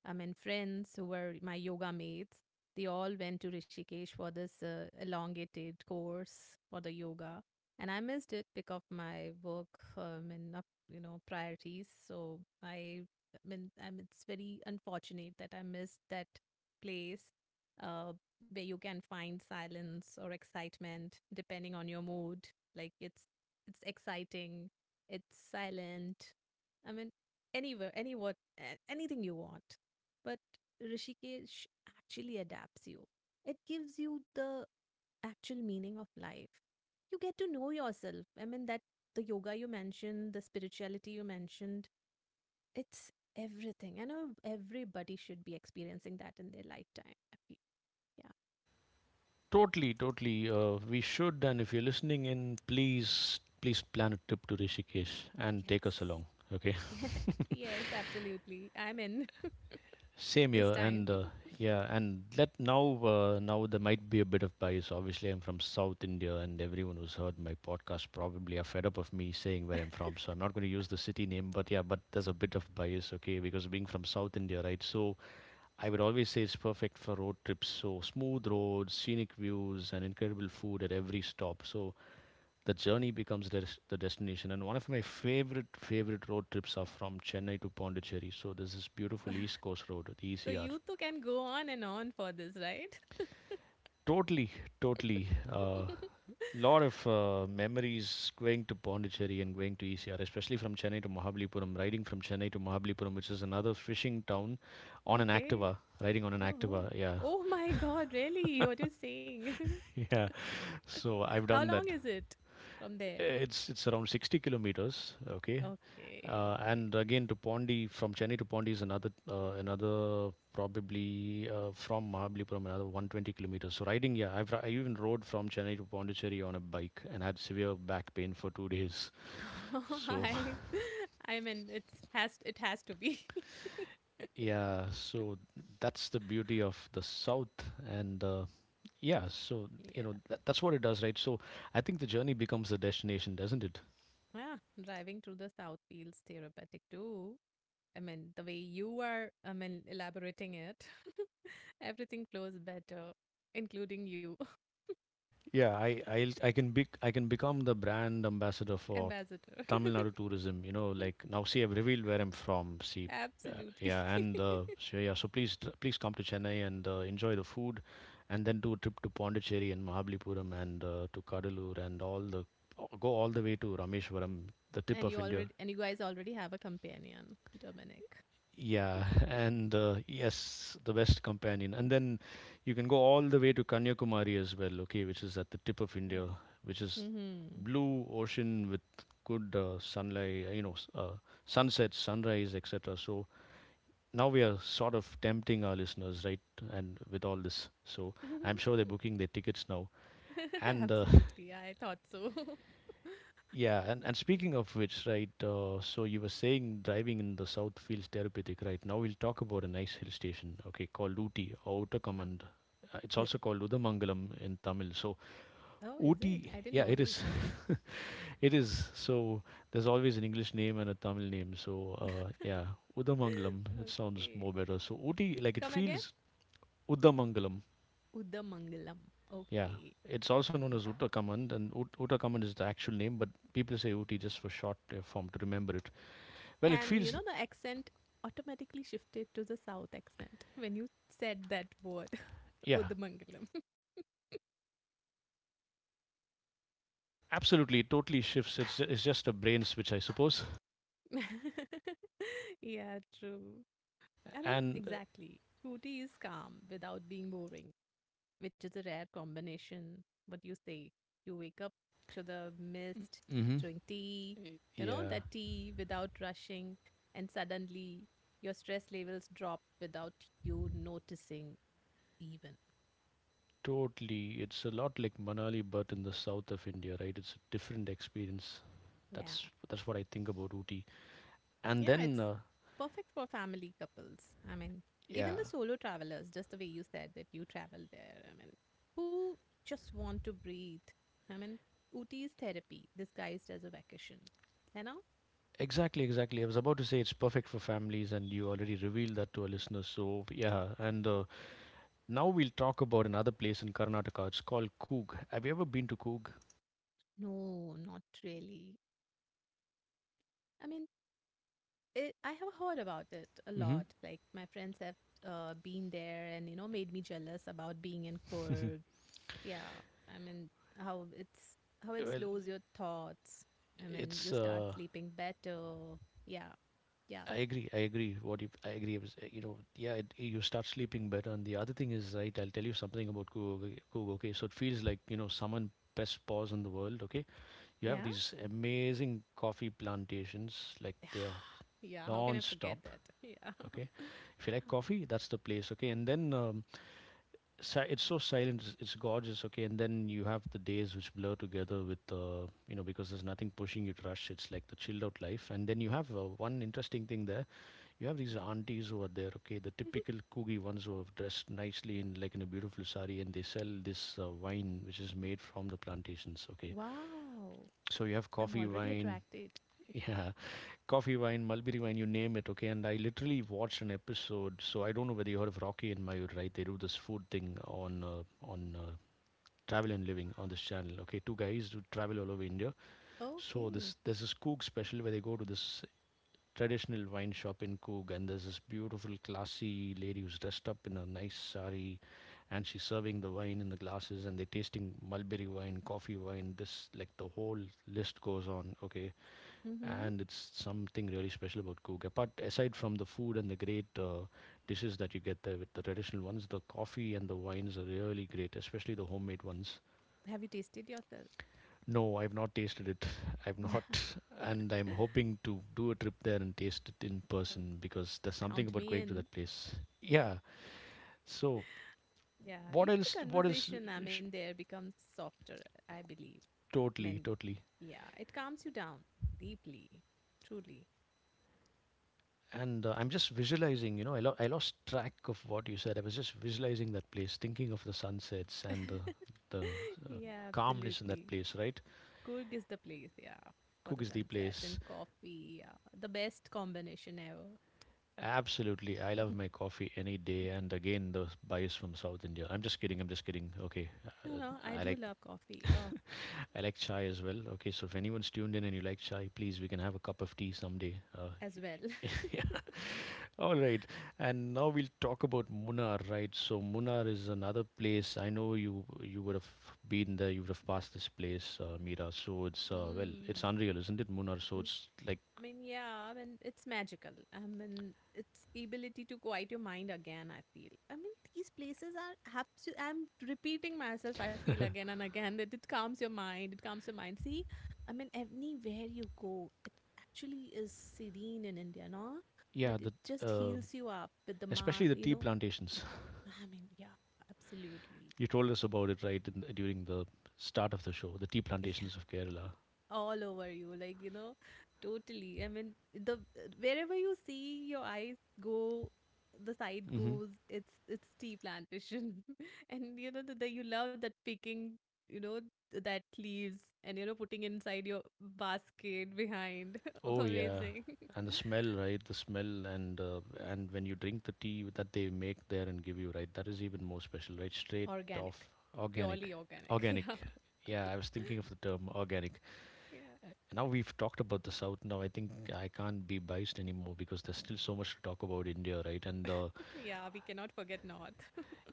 friends who were my yoga mates, they all went to Rishikesh for this elongated course for the yoga, and I missed it because of my work and up, priorities. I mean, it's very unfortunate that I missed that place uh, where you can find silence or excitement depending on your mood. Like it's exciting, it's silent, I mean, anything you want. But Rishikesh actually adapts you. It gives you the actual meaning of life. You get to know yourself. I mean, that the yoga you mentioned, the spirituality you mentioned, it's everything. I know everybody should be experiencing that in their lifetime, I feel. Totally, totally. We should, and if you're listening in, please, please plan a trip to Rishikesh and Yeah. take us along. Okay. Yes. Yes, absolutely. I'm in Same this here, time. and yeah, and let now, now there might be a bit of bias. Obviously, I'm from South India, and everyone who's heard my podcast probably are fed up of me saying where I'm from. So I'm not going to use the city name, but yeah, but there's a bit of bias, okay? Because being from South India, right? So I would always say it's perfect for road trips. So smooth roads, scenic views, and incredible food at every stop. So the journey becomes the destination, and one of my favorite road trips are from Chennai to Pondicherry. So this is beautiful East Coast Road, the So ECR. you two can go on and on for this, right? Totally, totally. Uh, lot of memories going to Pondicherry and going to ECR, especially from Chennai to Mahabalipuram, riding from Chennai to Mahabalipuram, which is another fishing town, on an Okay. Activa. Riding on an Activa, Oh, yeah. oh my God, really? What you're saying? Yeah, so I've How done long that. is it from there? It's around 60 kilometers. Okay. Okay, okay. And again, to Pondi, from Chennai to Pondi is another another probably from Mahabalipuram another 120 kilometers. So riding, yeah, I even rode from Chennai to Pondicherry on a bike and had severe back pain for 2 days. So I, I mean, it's has it has to be. yeah, so that's the beauty of the south, and yeah, so Yeah. you know that, that's what it does, right? So I think the journey becomes the destination, doesn't it? Ah, driving through the south feels therapeutic too. I mean, the way you are, I mean, elaborating it, everything flows better, including you, Yeah, I can be I can become the brand ambassador for ambassador. Tamil Nadu tourism. You know, like now, see, I've revealed where I'm from. See, Absolutely. yeah, and so so please, please come to Chennai and enjoy the food, and then do a trip to Pondicherry and Mahabalipuram and to Kadalur and all the go all the way to Rameshwaram, the tip And you of already, India. and you guys already have a companion, Dominic. Yeah, and yes, the best companion. And then you can go all the way to Kanyakumari as well, okay, which is at the tip of Yeah. India, which is Mhm. blue ocean with good sunlight, sunset, sunrise, etc. So now we are sort of tempting our listeners, right? And with all this, so I'm sure they're booking their tickets now. And Absolutely. I thought so. Yeah, and Yeah. speaking of which, right, so you were saying driving in the south feels therapeutic, right? Now we'll talk about a nice hill station, okay, called Ooty, or Wow. Uttakamand. It's Yeah. also called Udamangalam in Tamil. So Oh, is it? Ooty, I didn't yeah, know it this. is, it is. So there's always an English name and a Tamil name. So uh, yeah, Udamangalam, it sounds Okay. more better. So Ooty, like it Come again? feels Udamangalam, Udamangalam. yeah. Okay. It's also known as Udamangalam. Uttakamand, and Uttakamand is the actual name, but people say Ooty just for short form to remember it. Well, it And you feels know, the accent automatically shifted to the South accent when you said that word. yeah, Udamangalam. absolutely. It totally shifts. It's just a brain switch, I suppose. Yeah, true. I mean, And exactly. Scooty is calm without being boring, which is a rare combination. What you say, you wake up to the mist, hmm drink tea, you know, that tea without rushing, and suddenly your stress levels drop without you noticing, even. Totally, it's a lot like Manali, but in the south of India, right? It's a different experience. Yeah. That's what I think about Ooty. And Yeah, then, it's uh, perfect for family couples. I mean, even yeah, the solo travelers, just the way you said that you travel there, I mean, who just want to breathe. I mean, Ooty is therapy disguised as a vacation. You know? exactly, exactly. I was about to say it's perfect for families, and you already revealed that to our listeners. So yeah, and now we'll talk about another place in Karnataka. It's called Coog. Have you ever been to Coog? No, not really. I mean, it, I have heard about it a Hmm. lot. Like my friends have been there and made me jealous about being in Kurg. Yeah, I mean how it's how it Well, slows your thoughts. I mean, you it's start sleeping better. Yeah, yeah, I agree. I agree. I agree was, yeah, it, you start sleeping better. And the other thing is, right, I'll tell you something about Coog. Coog, okay? So it feels like, you know, someone best pause in the world, okay? You have yeah, these amazing coffee plantations, like they're yeah. How can I forget non-stop, that? Yeah. okay? If you like coffee, that's the place, okay? It's so silent, it's gorgeous, okay? And then you have the days which blur together with, because there's nothing pushing you to rush. It's like the chilled out life. And then you have one interesting thing there you have these aunties over there, okay, the typical Kugi ones who have dressed nicely in a beautiful sari, and they sell this wine which is made from the plantations, okay. Wow, So you have I'm coffee already wine, attracted. yeah, coffee wine, mulberry wine, you name it, okay. And I literally watched an episode, so I don't know whether you heard of Rocky and Mayur, right? They do this food thing on travel and living on this channel, okay, two guys who travel all over India. So Okay. this there's this cook special where they go to this traditional wine shop in Coog, and there's this beautiful, classy lady who's dressed up in a nice sari, and she's serving the wine in the glasses, and they're tasting mulberry wine, coffee wine. This, like, the whole list goes on. Okay, Mm-hmm. and it's something really special about Coog. Aside from the food and the great dishes that you get there with the traditional ones, the coffee and the wines are really great, especially the homemade ones. Have you tasted yourself? No, I've not tasted it. I've not, and I'm hoping to do a trip there and taste it in person because there's something Count about me going to in. that place. Yeah. So Yeah, what even else? the What else? conversation I'm in sh- there becomes softer, I believe. I Totally, mean, totally. yeah, it calms you down deeply, truly. And I'm just visualizing. You know, I lost track of what you said. I was just visualizing that place, thinking of the sunsets and the the uh, Yeah, calmness in that absolutely. place. Right? Kurg is the place, yeah, for Cook the is the sunset and place. coffee. Yeah, the best combination ever. Absolutely. I love my coffee any day. And again, the bias from South India. I'm just kidding. I'm just kidding. Okay. No, no, I I do like love coffee. Oh, I like chai as well. Okay. So if anyone's tuned in and you like chai, please, we can have a cup of tea someday. As well. All right. And now we'll talk about Munnar, right? So Munnar is another place. I know you would have been there. You would have passed this place, Mira. So it's well, it's unreal, isn't it, Munnar? So Mm. it's like I mean, yeah, I mean, it's magical. I mean, it's ability to quiet your mind again, I feel. I mean, these places are absolutely, I'm repeating myself, I feel again and again that it calms your mind. See, I mean, anywhere you go, it actually is serene in India, no? yeah, But it the just uh, heals you up with the ma, especially the you tea know? plantations. I mean, yeah, absolutely. You told us about it right in, during the start of the show, the tea plantations of Kerala. All over you, like you know, totally. I mean, the wherever you see your eyes go, the side Hmm. goes, it's tea plantation. And you know that, you love that picking, you know, that leaves, and you know, putting inside your basket behind. Oh yeah, Amazing. and the smell, right? The smell and when you drink the tea that they make there and give you, right? That is even more special, right? Straight Organic, off purely organic, organic. organic. Yeah. Yeah, I was thinking of the term organic. Yeah, Now we've talked about the South. Now I think I can't be biased anymore because there's still so much to talk about India, right? And the yeah, we cannot forget north.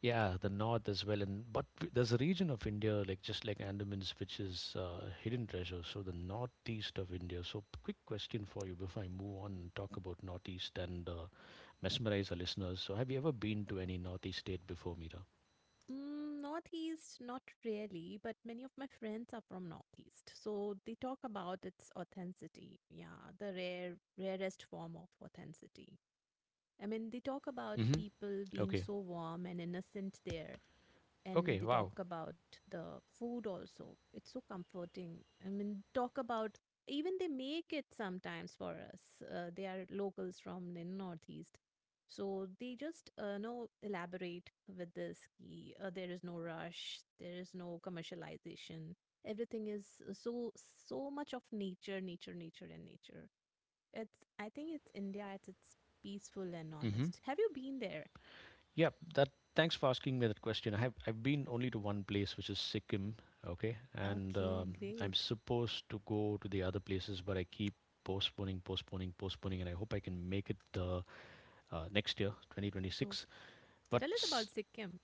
yeah, the north as well, and but w- there's a region of India like just like Andamans, which is hidden treasure. So the northeast of India. So quick question for you before I move on and talk about northeast and mesmerize our listeners. So have you ever been to any northeast state before, Mira? Mm, Northeast, not really, but many of my friends are from Northeast, so they talk about its authenticity. Yeah, the rare, rarest form of authenticity. I mean, they talk about Mm-hmm. people being Okay, so warm and innocent there, and okay, they talk wow. about the food also. It's so comforting. I mean, talk about even they make it sometimes for us. They are locals from the northeast, so they just know elaborate with this. Key. Uh, there is no rush. There is no commercialization. Everything is so so much of nature, nature, nature, and nature. It's I think it's India at its peaceful and Mm-hmm. honest. Have you been there? Yeah, that Thanks for asking me that question. I've been only to one place, which is Sikkim. Okay, and Okay, I'm great. supposed to go to the other places, but I keep postponing, postponing, postponing, and I hope I can make it the next year, So, 2026. so But tell us s- about Sikkim.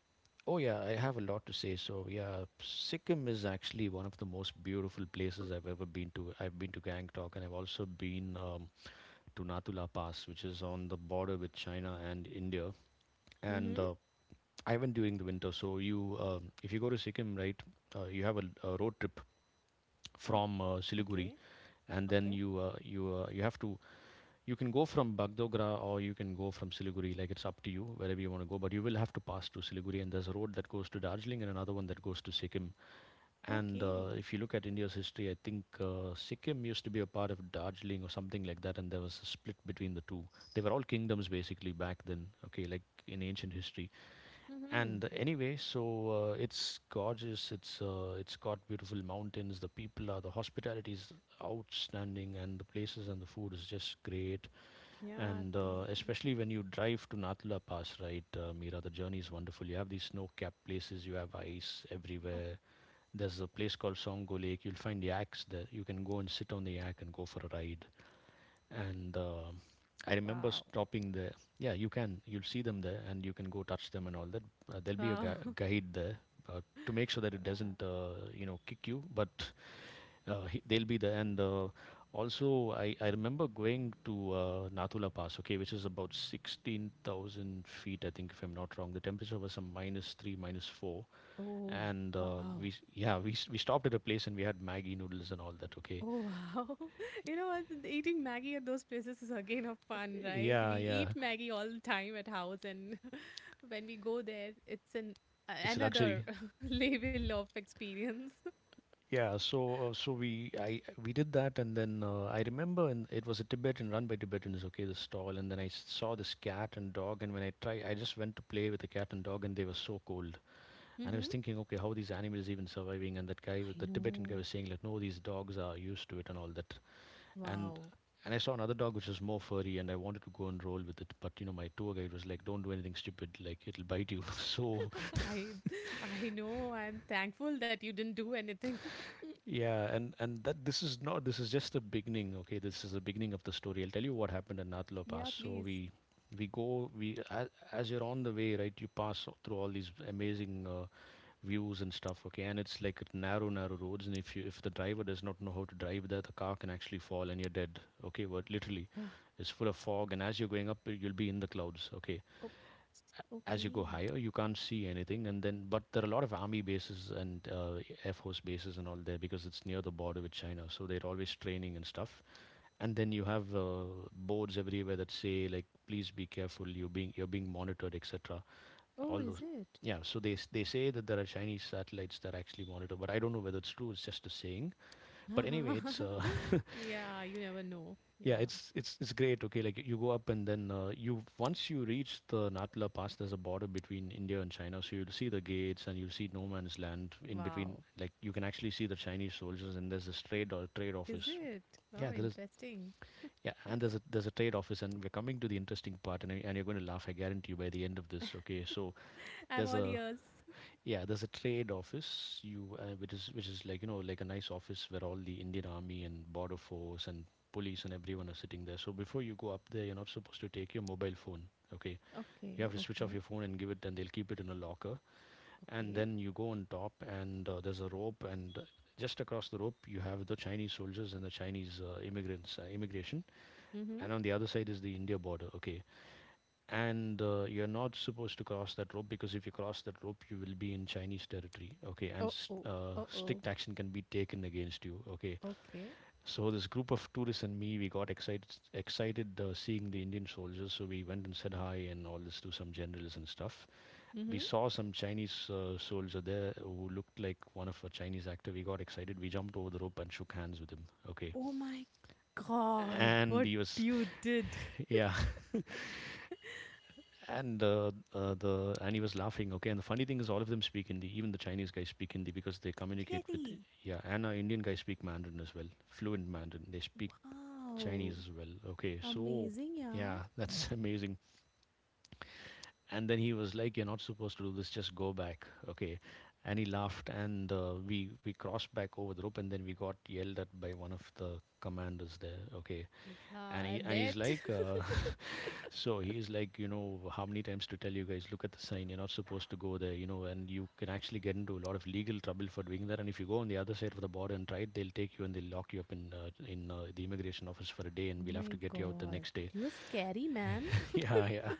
oh yeah, I have a lot to say. So yeah, Sikkim is actually one of the most beautiful places I've ever been to. I've been to Gangtok, and I've also been to Nathula Pass, which is on the border with China and India, and Mhm. I went during the winter. So if you go to Sikkim, right, you have a road trip Ah, from Siliguri, okay. and then Okay. You have to you can go from Bagdogra or you can go from Siliguri. Like it's up to you wherever you want to go, but you will have to pass through Siliguri. And there's a road that goes to Darjeeling and another one that goes to Sikkim. And Okay. if you look at India's history, I think Sikkim used to be a part of Darjeeling or something like that, and there was a split between the two. They were all kingdoms basically back then. Okay, like in ancient history, Mhm. and anyway, so it's gorgeous. It's got beautiful mountains. The people are The hospitality is outstanding, and the places and the food is just great. Yeah, And absolutely. especially when you drive to Nathula Pass, right, Mira, the journey is wonderful. You have these snow-capped places. You have ice Ah, everywhere. There's a place called Songo Lake. You'll find yaks there. You can go and sit on the yak and go for a ride and I remember wow. stopping there. Yeah, you can. You'll see them there, and you can go touch them and all that. Uh, there'll be a Wow. gui- guide there uh, to make sure that it Wow. doesn't, kick you. But they'll be there, and also I remember going to Nathula Pass, okay, which is about 16,000 feet, I think, if I'm not wrong. The temperature was some minus three, minus four, Oh, and wow. we s- yeah we s- we stopped at a place and we had Maggie noodles and all that. Okay, Oh, wow. You know what? Eating Maggie at those places is again a fun, right? We yeah, yeah, eat Maggie all the time at house, and when we go there, it's an it's a another luxury. level of experience. Yeah, so we did that, and then I remember, and it was a Tibetan run by Tibetans. Okay, the stall, and then I saw this cat and dog, and I just went to play with the cat and dog, and they were so cold, and I was Mm-hmm. thinking, okay, how are these animals even surviving? And that guy, I with the Tibetan guy, know. was saying like, no, these dogs are used to it and all that, and Wow. and I saw another dog which was more furry, and I wanted to go and roll with it, but you know, my tour guide was like, don't do anything stupid, like it'll bite you. so I I know. I'm thankful that you didn't do anything. yeah, and that this is not this is just the beginning. Okay, this is the beginning of the story. I'll tell you what happened at Nathla Pass. Yeah, So please. We go we as you're on the way, right? You pass through all these amazing views and stuff. Okay, and it's like narrow, narrow roads, and if the driver does not know how to drive there, the car can actually fall and you're dead. Okay, what literally Ah, is full of fog, and as you're going up, you'll be in the clouds. Okay, oh, as you go okay. higher you can't see anything, and then, but there are a lot of army bases and air force bases and all there because it's near the border with china, so they're always training and stuff. And then you have boards everywhere that say, like, please be careful, you're being monitored etc. Oh, All is those. it? Yeah, so they say that there are chinese satellites that actually monitor, but I don't know whether it's true. It's just a saying. But anyway, it's Yeah, you never know. yeah, Yeah. it's great. Okay, like you go up and then you once you reach the Natla Pass, there's a border between India and China, so you'll see the gates and you'll see no man's land in between. Wow. Like you can actually see the Chinese soldiers, and there's this trade or trade Is office. it? Yeah, Wow, there is. interesting. Yeah, and there's a trade office, and we're coming to the interesting part, and you're going to laugh. I guarantee you by the end of this. Okay, so I'm there's all a ears. yeah, there's a trade office, you which is like, like a nice office where all the Indian Army and Border Force and police and everyone are sitting there. So before you go up there, you're not supposed to take your mobile phone. Okay, you Okay, have to switch off okay, your phone and give it, and they'll keep it in a locker. And okay. then you go on top, and there's a rope, and just across the rope you have the Chinese soldiers and the Chinese immigrants immigration, Mm-hmm. and on the other side is the India border. Okay, and you're not supposed to cross that rope, because if you cross that rope you will be in chinese territory. Okay, and Oh, oh, oh, oh. strict action can be taken against you. Okay, Okay. so this group of tourists and me, we got excited, seeing the indian soldiers, so we went and said hi and all this to some generals and stuff. We Mm-hmm. saw some chinese soldier there who looked like one of a chinese actor. We got excited, we jumped over the rope and shook hands with him. Okay, Oh my God, and what he was. you did. Yeah. And he was laughing. Okay, and the funny thing is, all of them speak Hindi. Even the Chinese guys speak Hindi because they communicate with. Really? Yeah. And our Indian guys speak Mandarin as well, fluent Mandarin. They speak Chinese Wow. as well. Okay, so Amazing, yeah. yeah, that's amazing. And then he was like, "You're not supposed to do this. Just go back." Okay, and he laughed, and we crossed back over the rope, and then we got yelled at by one of the commanders there. Okay, Yeah, and I he's bet. like, so he's like, how many times to tell you guys, look at the sign, you're not supposed to go there, and you can actually get into a lot of legal trouble for doing that. And if you go on the other side of the border and try it, they'll take you and they'll lock you up in the immigration office for a day, Oh and we'll have my to get you out the God. next day. You're scary, man. Yeah, yeah.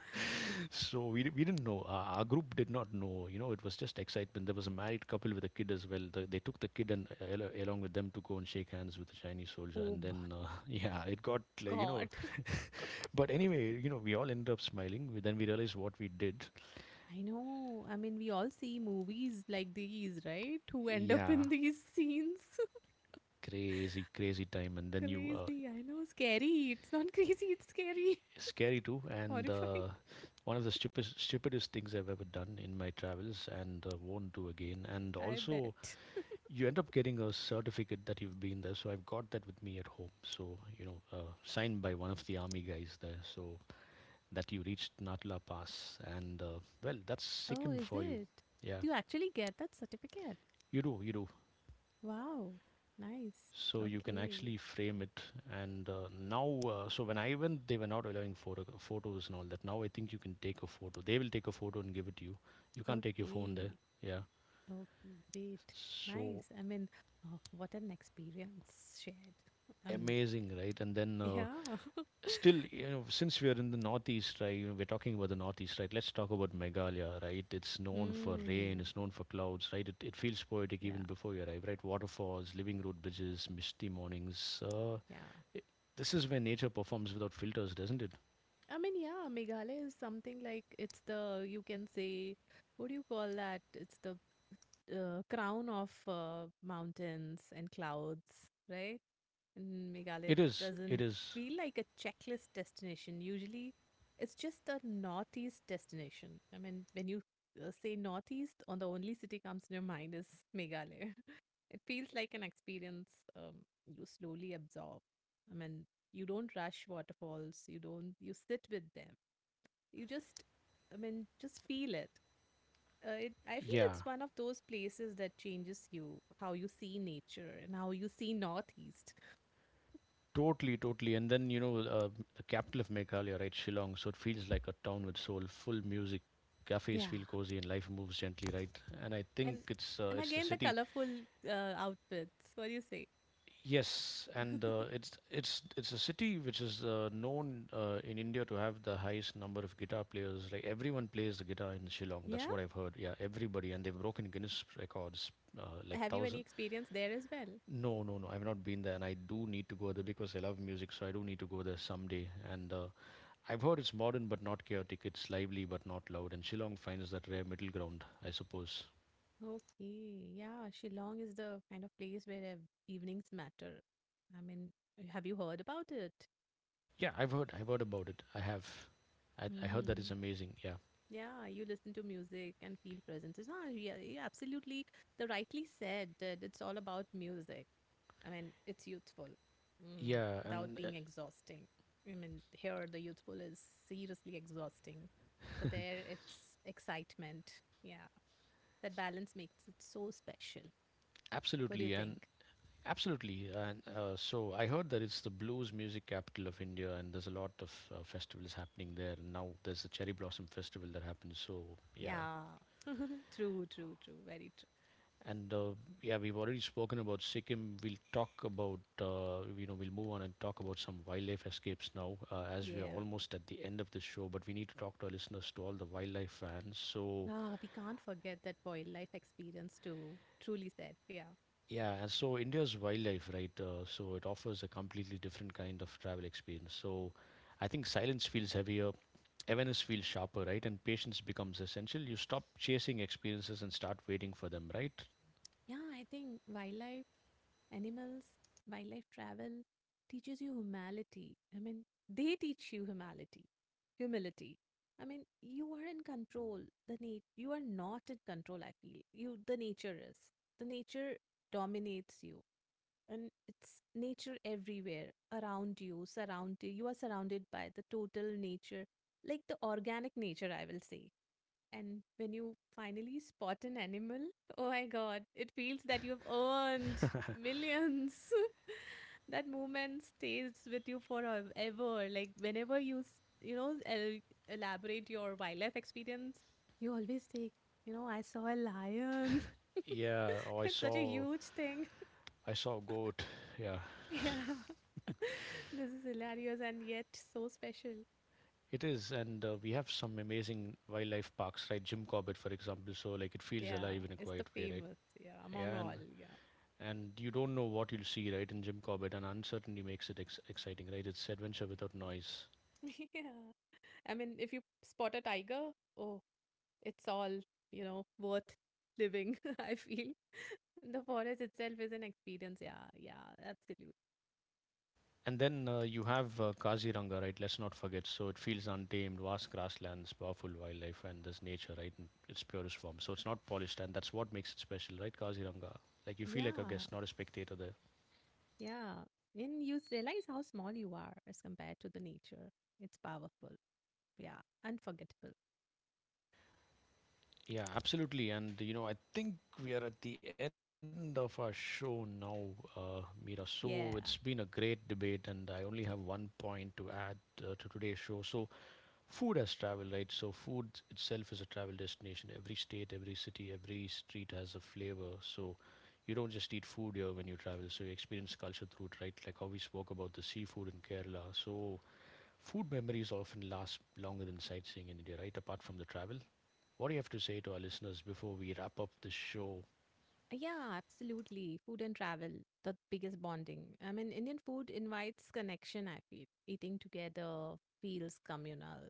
So we didn't know. Our group did not know. You know, it was just excitement. There was a married couple with a kid as well. They took the kid and along with them to go and shake hands with the Chinese soldier, Oh and b- then yeah, it got, like. God. But anyway, we all ended up smiling. Then we realized what we did. I know. I mean, we all see movies like these, right? Who end up Yeah, in these scenes. crazy, crazy time. And then, Crazy. I know. Scary. It's not crazy. It's scary. scary too. And Horrifying. One of the stupidest, stupidest things I've ever done in my travels, and won't do again. And I also, bet. you end up getting a certificate that you've been there. So I've got that with me at home. So, signed by one of the army guys there, so that you reached Natla Pass. And, well, that's Oh, Sikkim is for you. it? Yeah, You actually get that certificate. you do, you do. Wow. Nice. So you can Okay. actually frame it. And now, so when I went, they were not allowing photos and all that. Now I think you can take a photo. They will take a photo and give it to you. You can't take your phone there. Okay. Yeah. Okay. Great. So Nice. I mean, oh, what an experience shared. Um, amazing, right? And then yeah. still, since we are in the northeast, right? You know, we're talking about the northeast, right? Let's talk about Meghalaya, right? It's known for rain. Hmm. It's known for clouds, right? It feels poetic Yeah, even before you arrive, right? Waterfalls, living road bridges, misty mornings. Yeah. i- this is where nature performs without filters, doesn't it? I mean, yeah, Meghalaya is something like it's the, you can say, what do you call that? It's the crown of mountains and clouds, right? And Meghalaya It is. It doesn't is. feel like a checklist destination. Usually, it's just a northeast destination. I mean, when you say northeast, on the only city comes to your mind is Meghalaya. It feels like an experience um, you slowly absorb. I mean, you don't rush waterfalls. You don't. You sit with them. You just, I mean, just feel it. It. I feel it's Yeah. one of those places that changes you, how you see nature and how you see Northeast. Totally, totally. And then, the capital of Meghalaya, right, Shillong. So it feels like a town with soul, full music. Cafes Yeah, feel cozy and life moves gently, right? And I think and it's uh, and it's the again the city. colorful outfits. What do you say? Yes, and it's a city which is known in India to have the highest number of guitar players. Like everyone plays the guitar in Shillong. That's Yeah. what I've heard. Yeah, everybody, and they've broken Guinness records, like Have you any thousand. experience there as well? No, no, no. I've not been there, and I do need to go there because I love music, so I do need to go there someday. And I've heard it's modern but not chaotic. It's lively but not loud, and Shillong finds that rare middle ground, I suppose. Okay, yeah, Shillong is the kind of place where evenings matter. I mean, have you heard about it? Yeah, I've heard. I've heard about it. I have. I heard that Hmm. is amazing. Yeah, Yeah, you listen to music and feel present. It's, ah, yeah, you absolutely. The rightly said that it's all about music. I mean, it's youthful, mm, yeah, without and being exhausting. I mean, here the youthful is seriously exhausting, but there it's excitement. Yeah, that balance makes it so special. What do you absolutely, and think? absolutely, and so I heard that it's the blues music capital of India, and there's a lot of festivals happening there. And now there's the Cherry Blossom Festival that happens. So yeah. Yeah. True, true, true. Very true. And yeah, we've already spoken about Sikkim. We'll move on and talk about some wildlife escapes now, as we are Yeah. almost at the end of the show. But we need to talk to our listeners, to all the wildlife fans. So Ah, we can't forget that wildlife experience too. Truly said. Yeah. yeah, and so India's wildlife, right? So it offers a completely different kind of travel experience. So I think silence feels heavier, awareness feels sharper, right? And patience becomes essential. You stop chasing experiences and start waiting for them, right? Yeah, I think wildlife, animals, wildlife travel teaches you humanity. I mean, they teach you humanity, humility. I mean, you are in control. You are not in control, I feel. You The nature is. The nature dominates you. And it's nature everywhere around you, surround you, you are surrounded by the total nature, like the organic nature, I will say. And when you finally spot an animal, oh my God, it feels that you've earned millions. That moment stays with you forever. Like whenever you you know, elaborate your wildlife experience, you always say, you know, I saw a lion. Yeah, oh, I It's such a saw huge thing. I saw a goat. Yeah. Yeah. This is hilarious and yet so special. It is, and we have some amazing wildlife parks, right? Jim Corbett, for example. So, like, it feels Yeah, alive in a it's the quiet way, right? famous. Yeah, among Yeah, all. and Yeah. You don't know what you'll see, right? In Jim Corbett, and uncertainty makes it exciting, right? It's adventure without noise. Yeah. I mean, if you spot a tiger, oh, it's all, you know, worth living, I feel. The forest itself is an experience. Yeah, yeah, absolutely. And then you have Kaziranga, right? Let's not forget. So it feels untamed, vast grasslands, powerful wildlife, and there's nature, right? In its purest form. So it's not polished, and that's what makes it special, right? Kaziranga. Like you feel like a Yeah, guest, not a spectator there. yeah. And you realize how small you are as compared to the nature. It's powerful. Yeah, unforgettable. Yeah, absolutely. And I think we are at the end of our show now, Mira. So it's Yeah. been a great debate, and I only have one point to add to today's show. So, food as travel, right? So, food itself is a travel destination. Every state, every city, every street has a flavor. So, you don't just eat food here when you travel. So, you experience culture through it, right? Like how we spoke about the seafood in Kerala. So, food memories often last longer than sightseeing in India, right? Apart from the travel. What do you have to say to our listeners before we wrap up this show? Yeah, absolutely. Food and travel, the biggest bonding. I mean, Indian food invites connection, I feel. Eating together feels communal.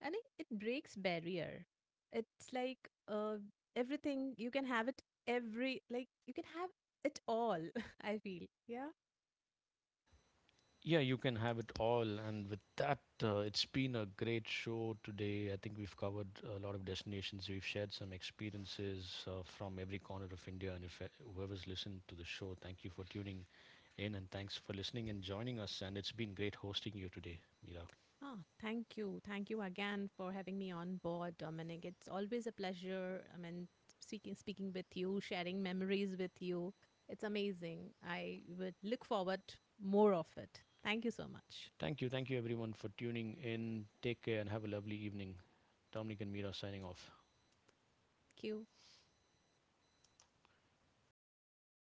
And it breaks barrier. It's like uh, everything, you can have it you can have it all, I feel. Yeah. Yeah, you can have it all. And with that, it's been a great show today. I think we've covered a lot of destinations. We've shared some experiences from every corner of India. And if whoever's listened to the show, thank you for tuning in, and thanks for listening and joining us. And it's been great hosting you today, Mira. Ah, thank you. Thank you again for having me on board, Dominic. It's always a pleasure. I mean, speaking with you, sharing memories with you. It's amazing. I would look forward more of it. Thank you so much. Thank you. Thank you, everyone, for tuning in. Take care and have a lovely evening. Dominic and Mira signing off. Thank you. Yeah,